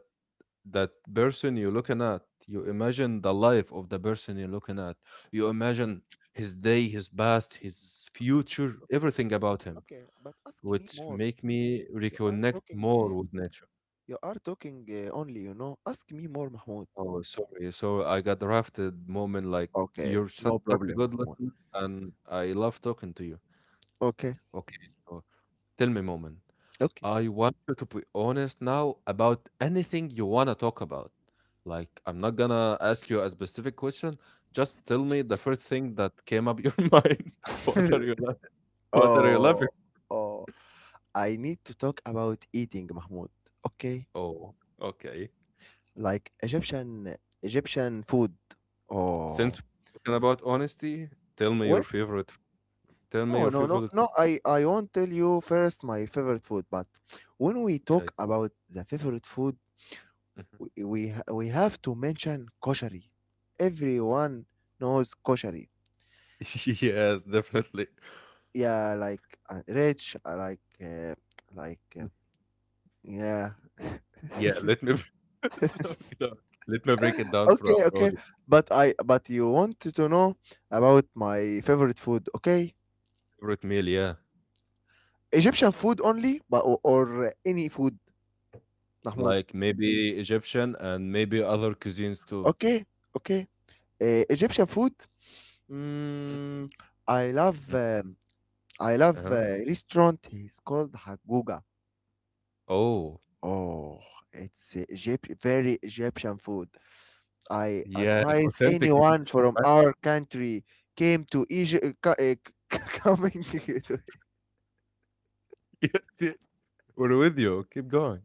[SPEAKER 1] that person you're looking at. You imagine the life of the person you're looking at. You imagine his day, his past, his
[SPEAKER 2] Okay.
[SPEAKER 1] future,
[SPEAKER 2] Okay.
[SPEAKER 1] everything about him,
[SPEAKER 2] Okay, but ask me
[SPEAKER 1] which
[SPEAKER 2] more.
[SPEAKER 1] make me
[SPEAKER 2] You are
[SPEAKER 1] reconnect
[SPEAKER 2] talking,
[SPEAKER 1] more
[SPEAKER 2] uh,
[SPEAKER 1] with nature.
[SPEAKER 2] you are talking only. Ask me more, Mahmoud.
[SPEAKER 1] Oh, sorry. So I got drafted moment, like,
[SPEAKER 2] Okay,
[SPEAKER 1] you're such,
[SPEAKER 2] no
[SPEAKER 1] such a
[SPEAKER 2] problem,
[SPEAKER 1] good
[SPEAKER 2] Mahmoud.
[SPEAKER 1] listener and I love talking to you.
[SPEAKER 2] Okay,
[SPEAKER 1] Okay, so tell me moment.
[SPEAKER 2] okay.
[SPEAKER 1] I want you to be honest now about anything you want to talk about. Like, I'm not gonna ask you a specific question. Just tell me the first thing that came up your mind. What are you la- What are you
[SPEAKER 2] oh,
[SPEAKER 1] laughing?
[SPEAKER 2] oh, I need to talk about eating, Mahmoud. Okay,
[SPEAKER 1] Oh, okay.
[SPEAKER 2] like Egyptian food. Oh,
[SPEAKER 1] Since we're talking about honesty, tell me your
[SPEAKER 2] what?
[SPEAKER 1] favorite. Tell me
[SPEAKER 2] No,
[SPEAKER 1] your
[SPEAKER 2] no, no,
[SPEAKER 1] favorite.
[SPEAKER 2] no. I won't tell you first my favorite food, but when we
[SPEAKER 1] Yeah.
[SPEAKER 2] talk about the favorite food,
[SPEAKER 1] Mhm.
[SPEAKER 2] we have to mention koshari. Everyone knows koshari.
[SPEAKER 1] Yes, definitely.
[SPEAKER 2] Yeah, like, rich, like, like,
[SPEAKER 1] Mm.
[SPEAKER 2] yeah.
[SPEAKER 1] Yeah, let me look. Let me break it down for
[SPEAKER 2] Okay,
[SPEAKER 1] our
[SPEAKER 2] okay.
[SPEAKER 1] audience.
[SPEAKER 2] But you wanted to know about my favorite food, okay?
[SPEAKER 1] Favorite meal, yeah.
[SPEAKER 2] Egyptian food only, or any food, Mahmoud.
[SPEAKER 1] Like maybe Egyptian and maybe other cuisines too.
[SPEAKER 2] Okay, okay. Egyptian food. Mm, I love
[SPEAKER 1] Mhm.
[SPEAKER 2] um, I love
[SPEAKER 1] Uh-huh.
[SPEAKER 2] uh, restaurant. It's called Haguga.
[SPEAKER 1] Oh,
[SPEAKER 2] Oh, it's Egypt, very Egyptian food. I
[SPEAKER 1] yeah,
[SPEAKER 2] advise
[SPEAKER 1] authentic
[SPEAKER 2] anyone
[SPEAKER 1] Egyptian,
[SPEAKER 2] from
[SPEAKER 1] right?
[SPEAKER 2] our country came to Egypt, coming to,
[SPEAKER 1] Yes, yes. We're with you. Keep going.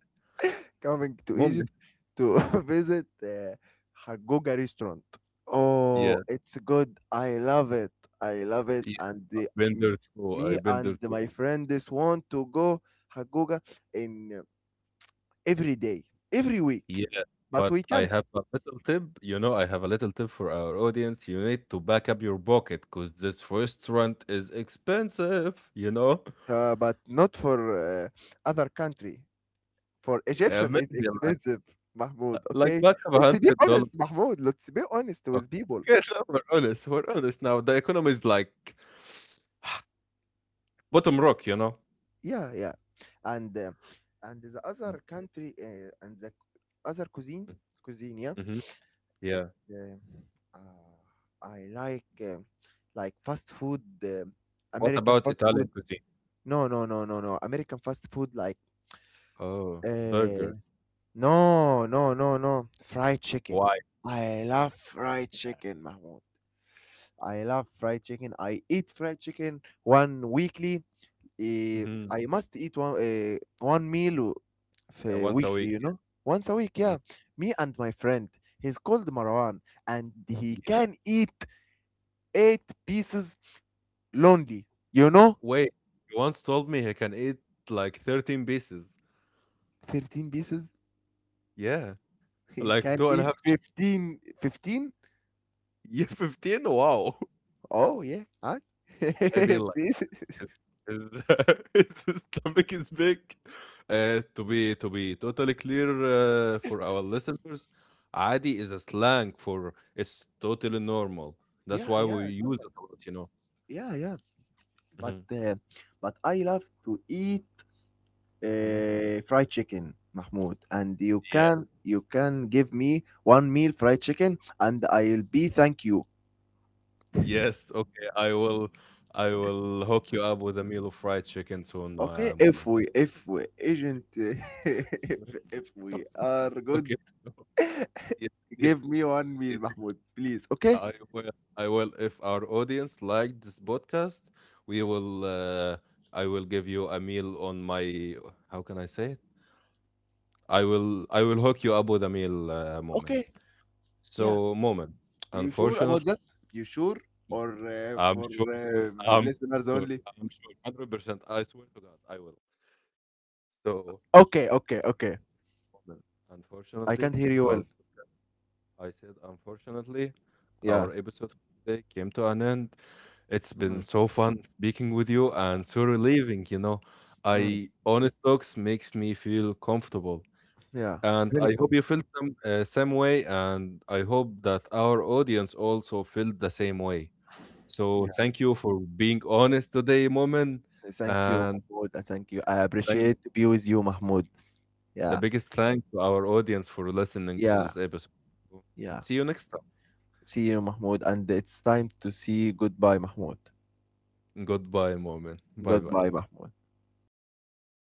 [SPEAKER 2] to Egypt
[SPEAKER 1] Moment.
[SPEAKER 2] to visit, Hagoga restaurant.
[SPEAKER 1] Yeah,
[SPEAKER 2] Oh, it's good. I love it. I love it.
[SPEAKER 1] yeah.
[SPEAKER 2] And
[SPEAKER 1] I've been
[SPEAKER 2] m-
[SPEAKER 1] there too.
[SPEAKER 2] me
[SPEAKER 1] I've been
[SPEAKER 2] and
[SPEAKER 1] there.
[SPEAKER 2] my friend just want to go Hagoga in, every day, every week,
[SPEAKER 1] Yeah,
[SPEAKER 2] but
[SPEAKER 1] but
[SPEAKER 2] we
[SPEAKER 1] I
[SPEAKER 2] can't.
[SPEAKER 1] have a little tip. You know, I have a little tip for our audience. You need to back up your pocket because this restaurant is expensive. You know,
[SPEAKER 2] But not for, other country. For
[SPEAKER 1] yeah,
[SPEAKER 2] Egyptian is
[SPEAKER 1] maybe
[SPEAKER 2] expensive, Mahmoud.
[SPEAKER 1] like
[SPEAKER 2] Okay,
[SPEAKER 1] back up a
[SPEAKER 2] let's be
[SPEAKER 1] hundred dollars.
[SPEAKER 2] honest, Mahmoud. Let's be honest with people.
[SPEAKER 1] Okay, so we're honest. We're honest now. The economy is like bottom rock. You know.
[SPEAKER 2] Yeah, yeah, and uh, and the
[SPEAKER 1] Mm,
[SPEAKER 2] other country, and the other cuisine,
[SPEAKER 1] mm,
[SPEAKER 2] cuisine. Yeah,
[SPEAKER 1] mm-hmm. Yeah.
[SPEAKER 2] it's I like fast food,
[SPEAKER 1] What
[SPEAKER 2] American
[SPEAKER 1] about
[SPEAKER 2] fast food.
[SPEAKER 1] Italian cuisine?
[SPEAKER 2] No, no, no, no, no. American fast food like.
[SPEAKER 1] Oh,
[SPEAKER 2] Uh,
[SPEAKER 1] burger.
[SPEAKER 2] No, no, no, no. Fried chicken.
[SPEAKER 1] Why?
[SPEAKER 2] I love fried chicken, Mahmoud. I love fried chicken. I eat fried chicken one weekly. Eh,
[SPEAKER 1] Hmm.
[SPEAKER 2] I must eat one meal
[SPEAKER 1] Once a
[SPEAKER 2] weekly,
[SPEAKER 1] week.
[SPEAKER 2] you know? Once a week,
[SPEAKER 1] Mhm.
[SPEAKER 2] yeah. Me and my friend, he's called Marwan, and he
[SPEAKER 1] Yeah.
[SPEAKER 2] can eat eight pieces lonely. You know?
[SPEAKER 1] Wait, he once told me he can eat like 13 pieces.
[SPEAKER 2] 13 pieces?
[SPEAKER 1] Yeah.
[SPEAKER 2] He
[SPEAKER 1] Like
[SPEAKER 2] can
[SPEAKER 1] 2 and a
[SPEAKER 2] eat
[SPEAKER 1] half, one,
[SPEAKER 2] 15. 15?
[SPEAKER 1] yeah, 15? Wow.
[SPEAKER 2] Oh, yeah. Huh?
[SPEAKER 1] I mean,
[SPEAKER 2] It's
[SPEAKER 1] like,
[SPEAKER 2] easy.
[SPEAKER 1] his his stomach is big. To be totally clear, for our listeners, "عادي" is a slang for it's totally normal. That's
[SPEAKER 2] Yeah,
[SPEAKER 1] why we
[SPEAKER 2] yeah.
[SPEAKER 1] use it a lot, you know?
[SPEAKER 2] Yeah, yeah, but
[SPEAKER 1] Mhm,
[SPEAKER 2] uh, but I love to eat,
[SPEAKER 1] mhm.
[SPEAKER 2] fried chicken, Mahmoud, and you
[SPEAKER 1] Yeah.
[SPEAKER 2] can you can give me one meal fried chicken, and I'll be thank you.
[SPEAKER 1] Yes, okay, I will hook you up with a meal of fried chicken soon,
[SPEAKER 2] Okay, if
[SPEAKER 1] moment.
[SPEAKER 2] we if we agent if we are good,
[SPEAKER 1] Okay. Yeah, yeah,
[SPEAKER 2] give me one meal,
[SPEAKER 1] yeah.
[SPEAKER 2] Mahmoud, please. Okay,
[SPEAKER 1] I will. I will. If our audience liked this podcast, we will. I will give you a meal on my. How can I say it? I will hook you up with a meal, moment.
[SPEAKER 2] okay, yeah.
[SPEAKER 1] So, moment.
[SPEAKER 2] You sure
[SPEAKER 1] Unfortunately,
[SPEAKER 2] about that? You sure, or,
[SPEAKER 1] I'm sure.
[SPEAKER 2] for,
[SPEAKER 1] I'm sure. I'm
[SPEAKER 2] listeners
[SPEAKER 1] sure.
[SPEAKER 2] only?
[SPEAKER 1] 100%. I swear to God, I will. So,
[SPEAKER 2] Okay, okay, okay.
[SPEAKER 1] moment. Unfortunately, our
[SPEAKER 2] I can't hear you well.
[SPEAKER 1] I said, unfortunately, our episode for today came to
[SPEAKER 2] Yeah.
[SPEAKER 1] an end. It's been so fun speaking with
[SPEAKER 2] Mm-hmm.
[SPEAKER 1] you and so relieving, you know. I honest talks makes
[SPEAKER 2] Mm,
[SPEAKER 1] me feel comfortable. And I hope you felt
[SPEAKER 2] yeah,
[SPEAKER 1] the same
[SPEAKER 2] very com
[SPEAKER 1] way, and I hope that our audience also felt the same way. So thank you for being
[SPEAKER 2] Yeah,
[SPEAKER 1] honest today, Moment, and
[SPEAKER 2] thank you,
[SPEAKER 1] thank
[SPEAKER 2] Mahmoud. And thank you. I appreciate to be with
[SPEAKER 1] the
[SPEAKER 2] you,
[SPEAKER 1] biggest
[SPEAKER 2] Mahmoud.
[SPEAKER 1] thank to our
[SPEAKER 2] Yeah,
[SPEAKER 1] audience for listening to this episode.
[SPEAKER 2] yeah,
[SPEAKER 1] See you next time.
[SPEAKER 2] yeah. See you, Mahmoud. And it's time to see goodbye, Mahmoud.
[SPEAKER 1] Goodbye, Moment. Bye bye.
[SPEAKER 2] Goodbye, Mahmoud.